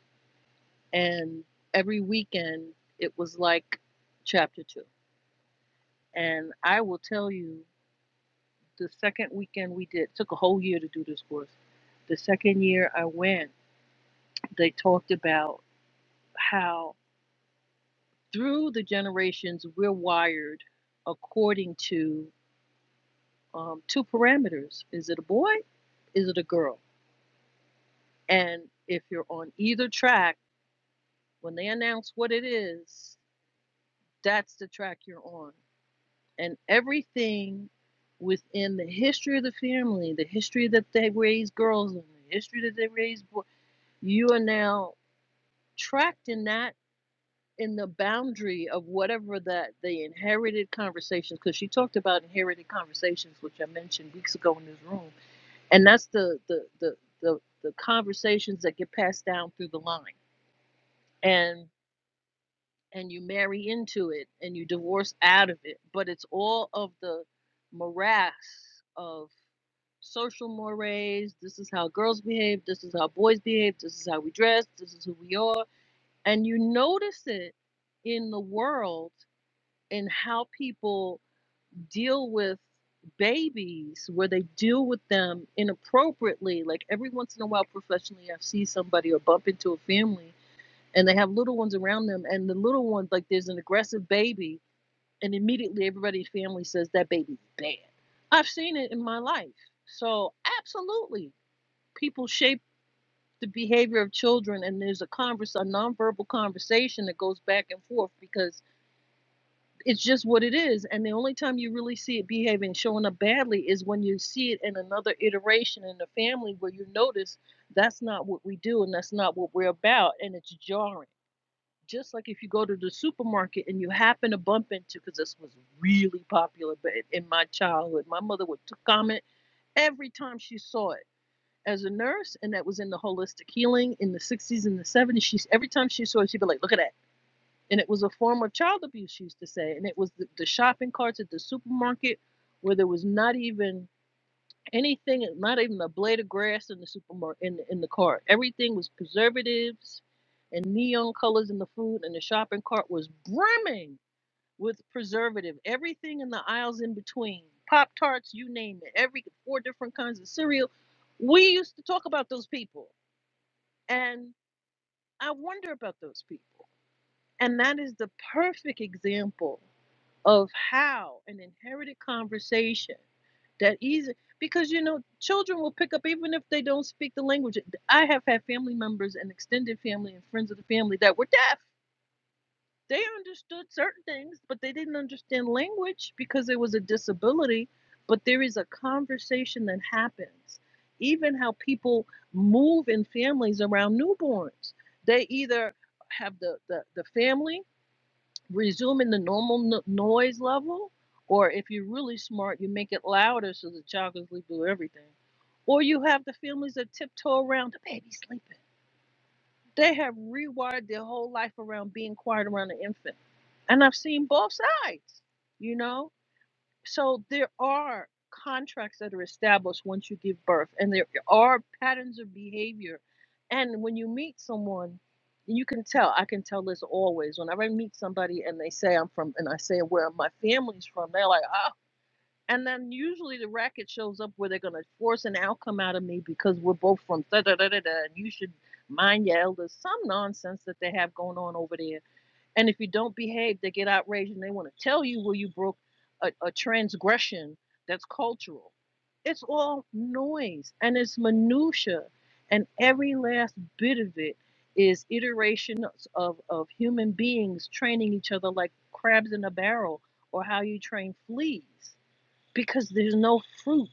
[SPEAKER 5] And every weekend, it was like chapter two. And I will tell you, the second weekend we did, took a whole year to do this course. The second year I went, they talked about how Through the generations, we're wired according to um, two parameters is it a boy? Is it a girl? And if you're on either track, when they announce what it is, that's the track you're on. And everything within the history of the family, the history that they raise girls in, the history that they raise boys, you are now tracked in that in the boundary of whatever that the inherited conversations because she talked about inherited conversations which i mentioned weeks ago in this room and that's the the the the, the conversations that get passed down through the line and and you marry into it and you divorce out of it but it's all of the morass of social mores this is how girls behave this is how boys behave this is how we dress this is who we are and you notice it in the world and how people deal with babies where they deal with them inappropriately like every once in a while professionally i see somebody or bump into a family and they have little ones around them and the little ones like there's an aggressive baby and immediately everybody's family says that baby's bad i've seen it in my life so absolutely people shape the behavior of children and there's a converse a nonverbal conversation that goes back and forth because it's just what it is. And the only time you really see it behaving, showing up badly, is when you see it in another iteration in the family where you notice that's not what we do and that's not what we're about. And it's jarring. Just like if you go to the supermarket and you happen to bump into, because this was really popular ba- in my childhood, my mother would comment every time she saw it. As a nurse, and that was in the holistic healing in the 60s and the 70s, she's every time she saw it, she'd be like, "Look at that! and it was a form of child abuse she used to say and it was the, the shopping carts at the supermarket where there was not even anything not even a blade of grass in the supermarket in, in the cart everything was preservatives and neon colors in the food and the shopping cart was brimming with preservative everything in the aisles in between pop tarts you name it every four different kinds of cereal we used to talk about those people and i wonder about those people and that is the perfect example of how an inherited conversation that easy because you know children will pick up even if they don't speak the language i have had family members and extended family and friends of the family that were deaf they understood certain things but they didn't understand language because it was a disability but there is a conversation that happens even how people move in families around newborns they either have the the, the family resuming the normal no- noise level, or if you're really smart, you make it louder so the child can sleep through everything. Or you have the families that tiptoe around the baby sleeping. They have rewired their whole life around being quiet around the infant. And I've seen both sides, you know? So there are contracts that are established once you give birth, and there are patterns of behavior. And when you meet someone, you can tell. I can tell this always. Whenever I meet somebody and they say I'm from, and I say where my family's from, they're like, oh. And then usually the racket shows up where they're gonna force an outcome out of me because we're both from da da da da da, and you should mind your elders. Some nonsense that they have going on over there and if you don't behave, they get outraged and they want to tell you where you broke a, a transgression that's cultural. It's all noise and it's minutia, and every last bit of it is iterations of of human beings training each other like crabs in a barrel, or how you train fleas, because there's no fruit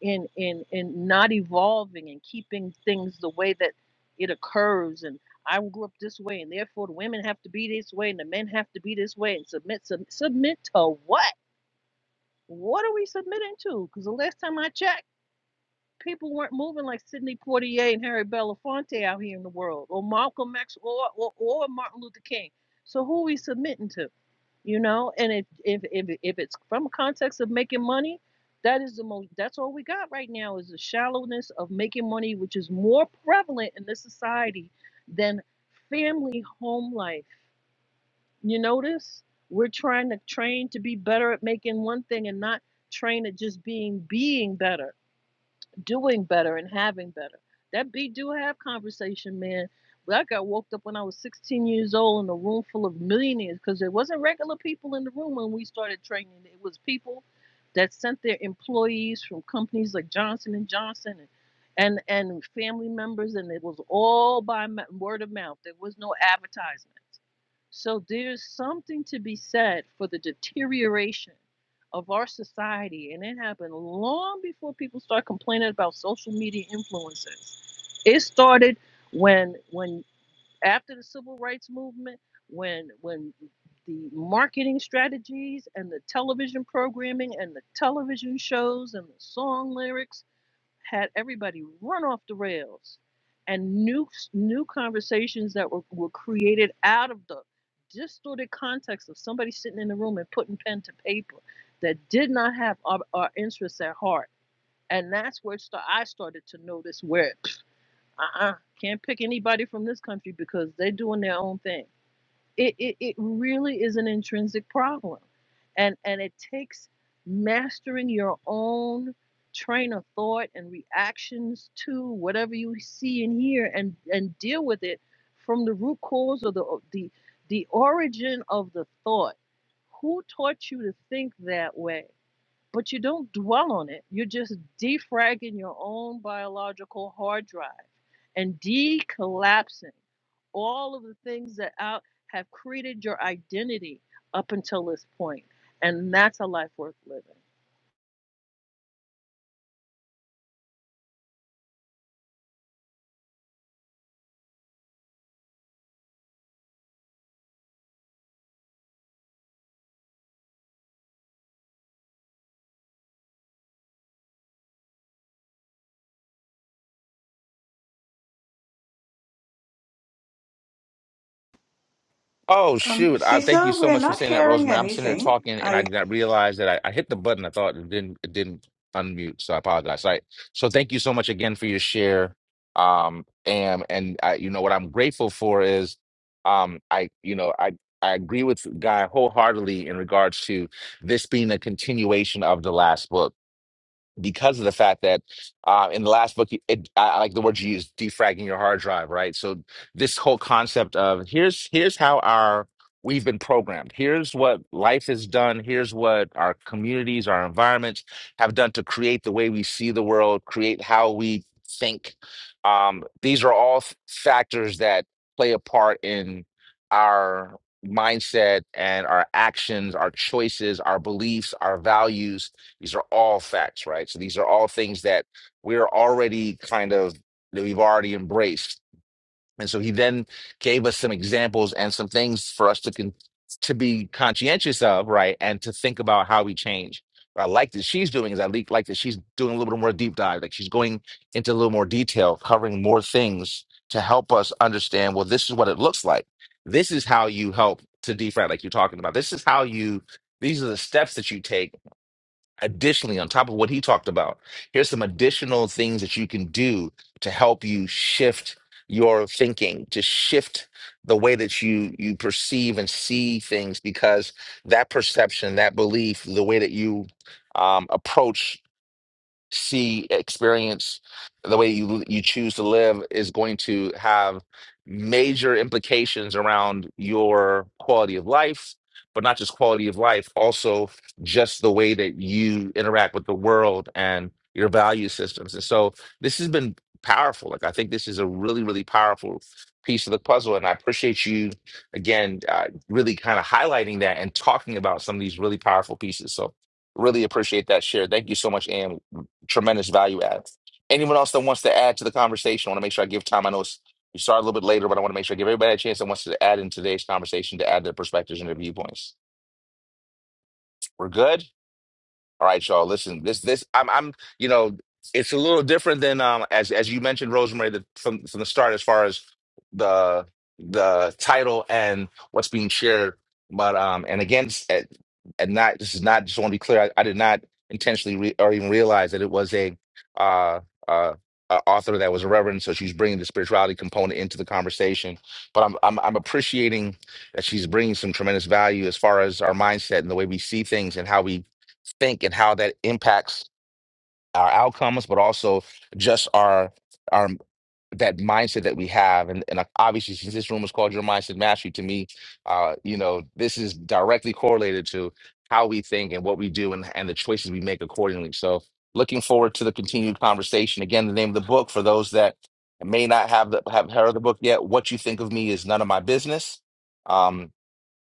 [SPEAKER 5] in in in not evolving and keeping things the way that it occurs and I grew up this way and therefore the women have to be this way and the men have to be this way and submit sub, submit to what? What are we submitting to? Because the last time I checked, people weren't moving like Sidney Poitier and Harry Belafonte out here in the world or Malcolm X or or, or Martin Luther King. So who are we submitting to? you know and if if if, if it's from a context of making money that is the most that's all we got right now is the shallowness of making money which is more prevalent in this society than family home life you notice we're trying to train to be better at making one thing and not train at just being being better doing better and having better. That be do have conversation, man. But I got woke up when I was 16 years old in a room full of millionaires because there wasn't regular people in the room when we started training. It was people that sent their employees from companies like Johnson and Johnson and and, and family members, and it was all by word of mouth. There was no advertisement. So there's something to be said for the deterioration of our society, and it happened long before people start complaining about social media influences. It started when when after the civil rights movement, when when the marketing strategies and the television programming and the television shows and the song lyrics had everybody run off the rails and new new conversations that were, were created out of the distorted context of somebody sitting in the room and putting pen to paper that did not have our, our interests at heart and that's where sta- i started to notice where uh-uh can't pick anybody from this country because they're doing their own thing it, it, it really is an intrinsic problem. And, and it takes mastering your own train of thought and reactions to whatever you see and hear and, and deal with it from the root cause or the, the, the origin of the thought. Who taught you to think that way? But you don't dwell on it. You're just defragging your own biological hard drive and decollapsing all of the things that out have created your identity up until this point. And that's a life worth living.
[SPEAKER 1] Oh
[SPEAKER 6] Um,
[SPEAKER 1] shoot! I thank you
[SPEAKER 6] Cecil,
[SPEAKER 1] so
[SPEAKER 6] we're
[SPEAKER 1] much for
[SPEAKER 6] not
[SPEAKER 1] saying that,
[SPEAKER 6] hearing
[SPEAKER 1] Rosemary. I'm sitting here
[SPEAKER 6] anything.
[SPEAKER 1] talking, and I
[SPEAKER 6] I
[SPEAKER 1] did not realize that I, I hit the button. I thought it didn't it didn't unmute, so I apologize. All right. So thank you so much again for your share. Um, and and I, you know what I'm grateful for is, um, I you know I I agree with Guy wholeheartedly in regards to this being a continuation of the last book because of the fact that uh, in the last book, it, I I like the word you used, defragging your hard drive, right? So this whole concept of here's here's how our we've been programmed. Here's what life has done. Here's what our communities, our environments have done to create the way we see the world, create how we think. Um, these are all f- factors that play a part in our mindset and our actions, our choices, our beliefs, our values these are all facts, right? So these are all things that we're already kind of, that we've already embraced. And so he then gave us some examples and some things for us to con- to be conscientious of, right? And to think about how we change. What I like that she's doing is I like like that she's doing a little bit more deep dive. Like she's going into a little more detail, covering more things to help us understand, well, this is what it looks like. This is how you help to defrag, like you're talking about. This is how you, these are the steps that you take Additionally, on top of what he talked about, here's some additional things that you can do to help you shift your thinking, to shift the way that you you perceive and see things, because that perception, that belief, the way that you um, approach see, experience, the way you you choose to live is going to have major implications around your quality of life, but not just quality of life, also just the way that you interact with the world and your value systems. And so this has been powerful. Like I think this is a really, really powerful piece of the puzzle. And I appreciate you again, uh, really kind of highlighting that and talking about some of these really powerful pieces. So really appreciate that share. Thank you so much, Am tremendous value add. Anyone else that wants to add to the conversation, I want to make sure I give time. I know it's, we started a little bit later, but I want to make sure I give everybody a chance that wants to add in today's conversation to add their perspectives and their viewpoints. We're good. All right, y'all. Listen, this this I'm I'm you know it's a little different than um as as you mentioned, Rosemary, the, from from the start as far as the the title and what's being shared. But um and again, s- and and not this is not just want to be clear. I, I did not intentionally re or even realize that it was a uh uh. Uh, author that was a reverend, so she's bringing the spirituality component into the conversation. But I'm I'm I'm appreciating that she's bringing some tremendous value as far as our mindset and the way we see things and how we think and how that impacts our outcomes, but also just our our that mindset that we have. And, and like, obviously, since this room is called Your Mindset Mastery, to me, uh, you know, this is directly correlated to how we think and what we do and, and the choices we make accordingly. So looking forward to the continued conversation. Again, the name of the book for those that may not have the, have heard of the book yet, What You Think of Me is None of My Business. Um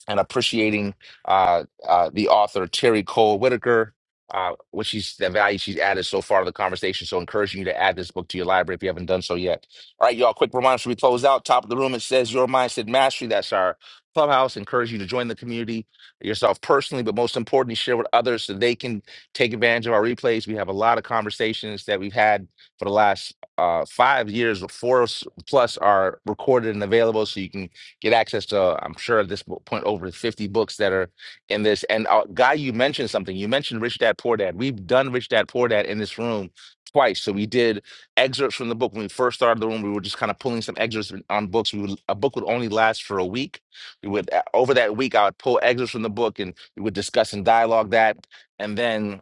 [SPEAKER 1] and appreciating uh, uh, the author Terry Cole Whitaker, uh, what she's the value she's added so far to the conversation. So encouraging you to add this book to your library if you haven't done so yet. All right, y'all. Quick reminder: should we close out? Top of the room, it says "Your Mindset Mastery." That's our clubhouse. Encourage you to join the community yourself personally, but most importantly, share with others so they can take advantage of our replays. We have a lot of conversations that we've had for the last uh, five years, four plus are recorded and available, so you can get access to, uh, I'm sure at this mo- point, over 50 books that are in this. And uh, Guy, you mentioned something. You mentioned Rich Dad Poor Dad. We've done Rich Dad Poor Dad in this room twice. So we did excerpts from the book. When we first started the room, we were just kind of pulling some excerpts on books. We would, a book would only last for a week. We would, uh, over that week, I would pull excerpts from the book and we would discuss and dialogue that. And then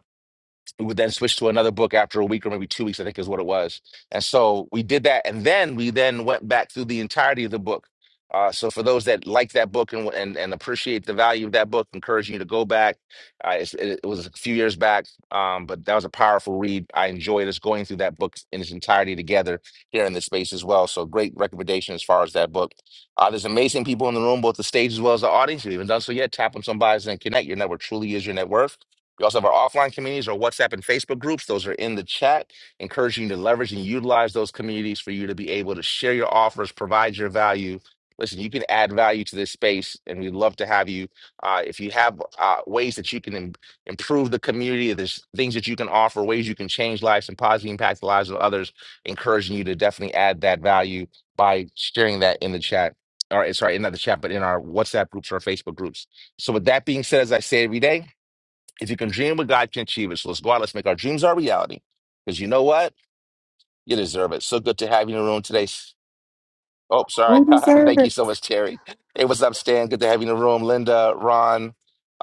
[SPEAKER 1] we would then switch to another book after a week or maybe two weeks, I think is what it was. And so we did that, and then we then went back through the entirety of the book. Uh, so for those that like that book and and, and appreciate the value of that book, encouraging you to go back. Uh, it's, it, it was a few years back, um, but that was a powerful read. I enjoyed us going through that book in its entirety together here in this space as well. So great recommendation as far as that book. Uh, there's amazing people in the room, both the stage as well as the audience. If you haven't done so yet, tap on somebody's and connect. Your network truly is your net worth. We also have our offline communities, our WhatsApp and Facebook groups. Those are in the chat. Encouraging you to leverage and utilize those communities for you to be able to share your offers, provide your value. Listen, you can add value to this space, and we'd love to have you. Uh, if you have uh, ways that you can im- improve the community, if there's things that you can offer, ways you can change lives and positively impact the lives of others, encouraging you to definitely add that value by sharing that in the chat. Or sorry, not the chat, but in our WhatsApp groups or Facebook groups. So with that being said, as I say every day. If you can dream what God can achieve it. So let's go out. Let's make our dreams our reality. Because you know what? You deserve it. So good to have you in the room today. Oh, sorry. Thank you so much, Terry. Hey, what's up, Stan? Good to have you in the room. Linda, Ron.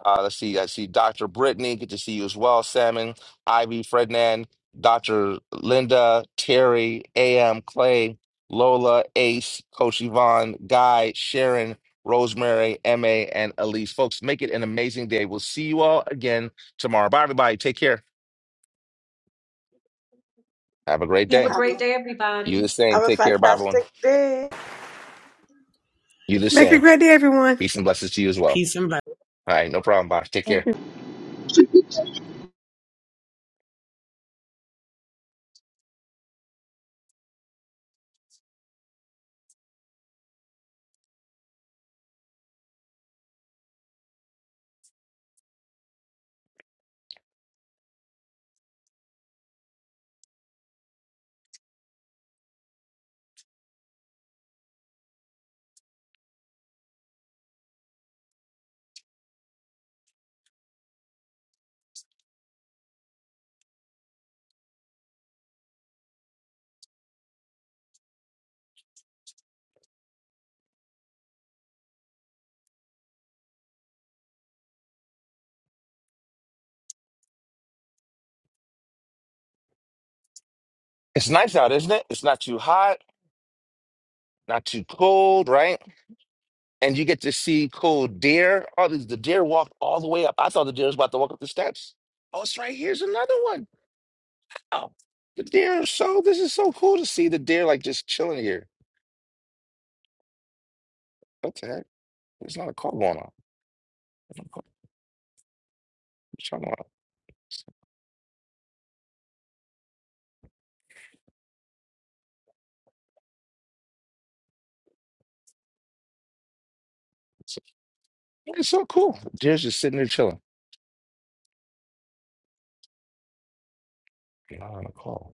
[SPEAKER 1] Uh, let's see. I see Dr. Brittany. Good to see you as well. Salmon, Ivy, Frednan, Dr. Linda, Terry, AM, Clay, Lola, Ace, Coach Yvonne, Guy, Sharon, Rosemary, MA, and Elise. Folks, make it an amazing day. We'll see you all again tomorrow. Bye, everybody. Take care. Have a great
[SPEAKER 8] Have a
[SPEAKER 1] day.
[SPEAKER 6] have a,
[SPEAKER 8] great day,
[SPEAKER 1] You
[SPEAKER 8] everybody.
[SPEAKER 1] the same.
[SPEAKER 6] have a
[SPEAKER 1] Take care, bye everyone.
[SPEAKER 6] fantastic day.
[SPEAKER 1] You the
[SPEAKER 9] Make it a
[SPEAKER 1] same.
[SPEAKER 9] great day, everyone.
[SPEAKER 1] Peace and blessings to you as well.
[SPEAKER 11] Peace and blessings.
[SPEAKER 1] All right, no problem, Bosh. Take care. It's nice out, isn't it? It's not too hot, not too cold, right? And you get to see cool deer. Oh, these the deer walked all the way up. I thought the deer was about to walk up the steps. Oh, it's right here's another one. Oh, the deer are so. This is so cool to see the deer like just chilling here. What the heck? There's not a call going on. There's not a call. What's going on? It's, it's so cool. The deer's just sitting there chilling. Not on a call.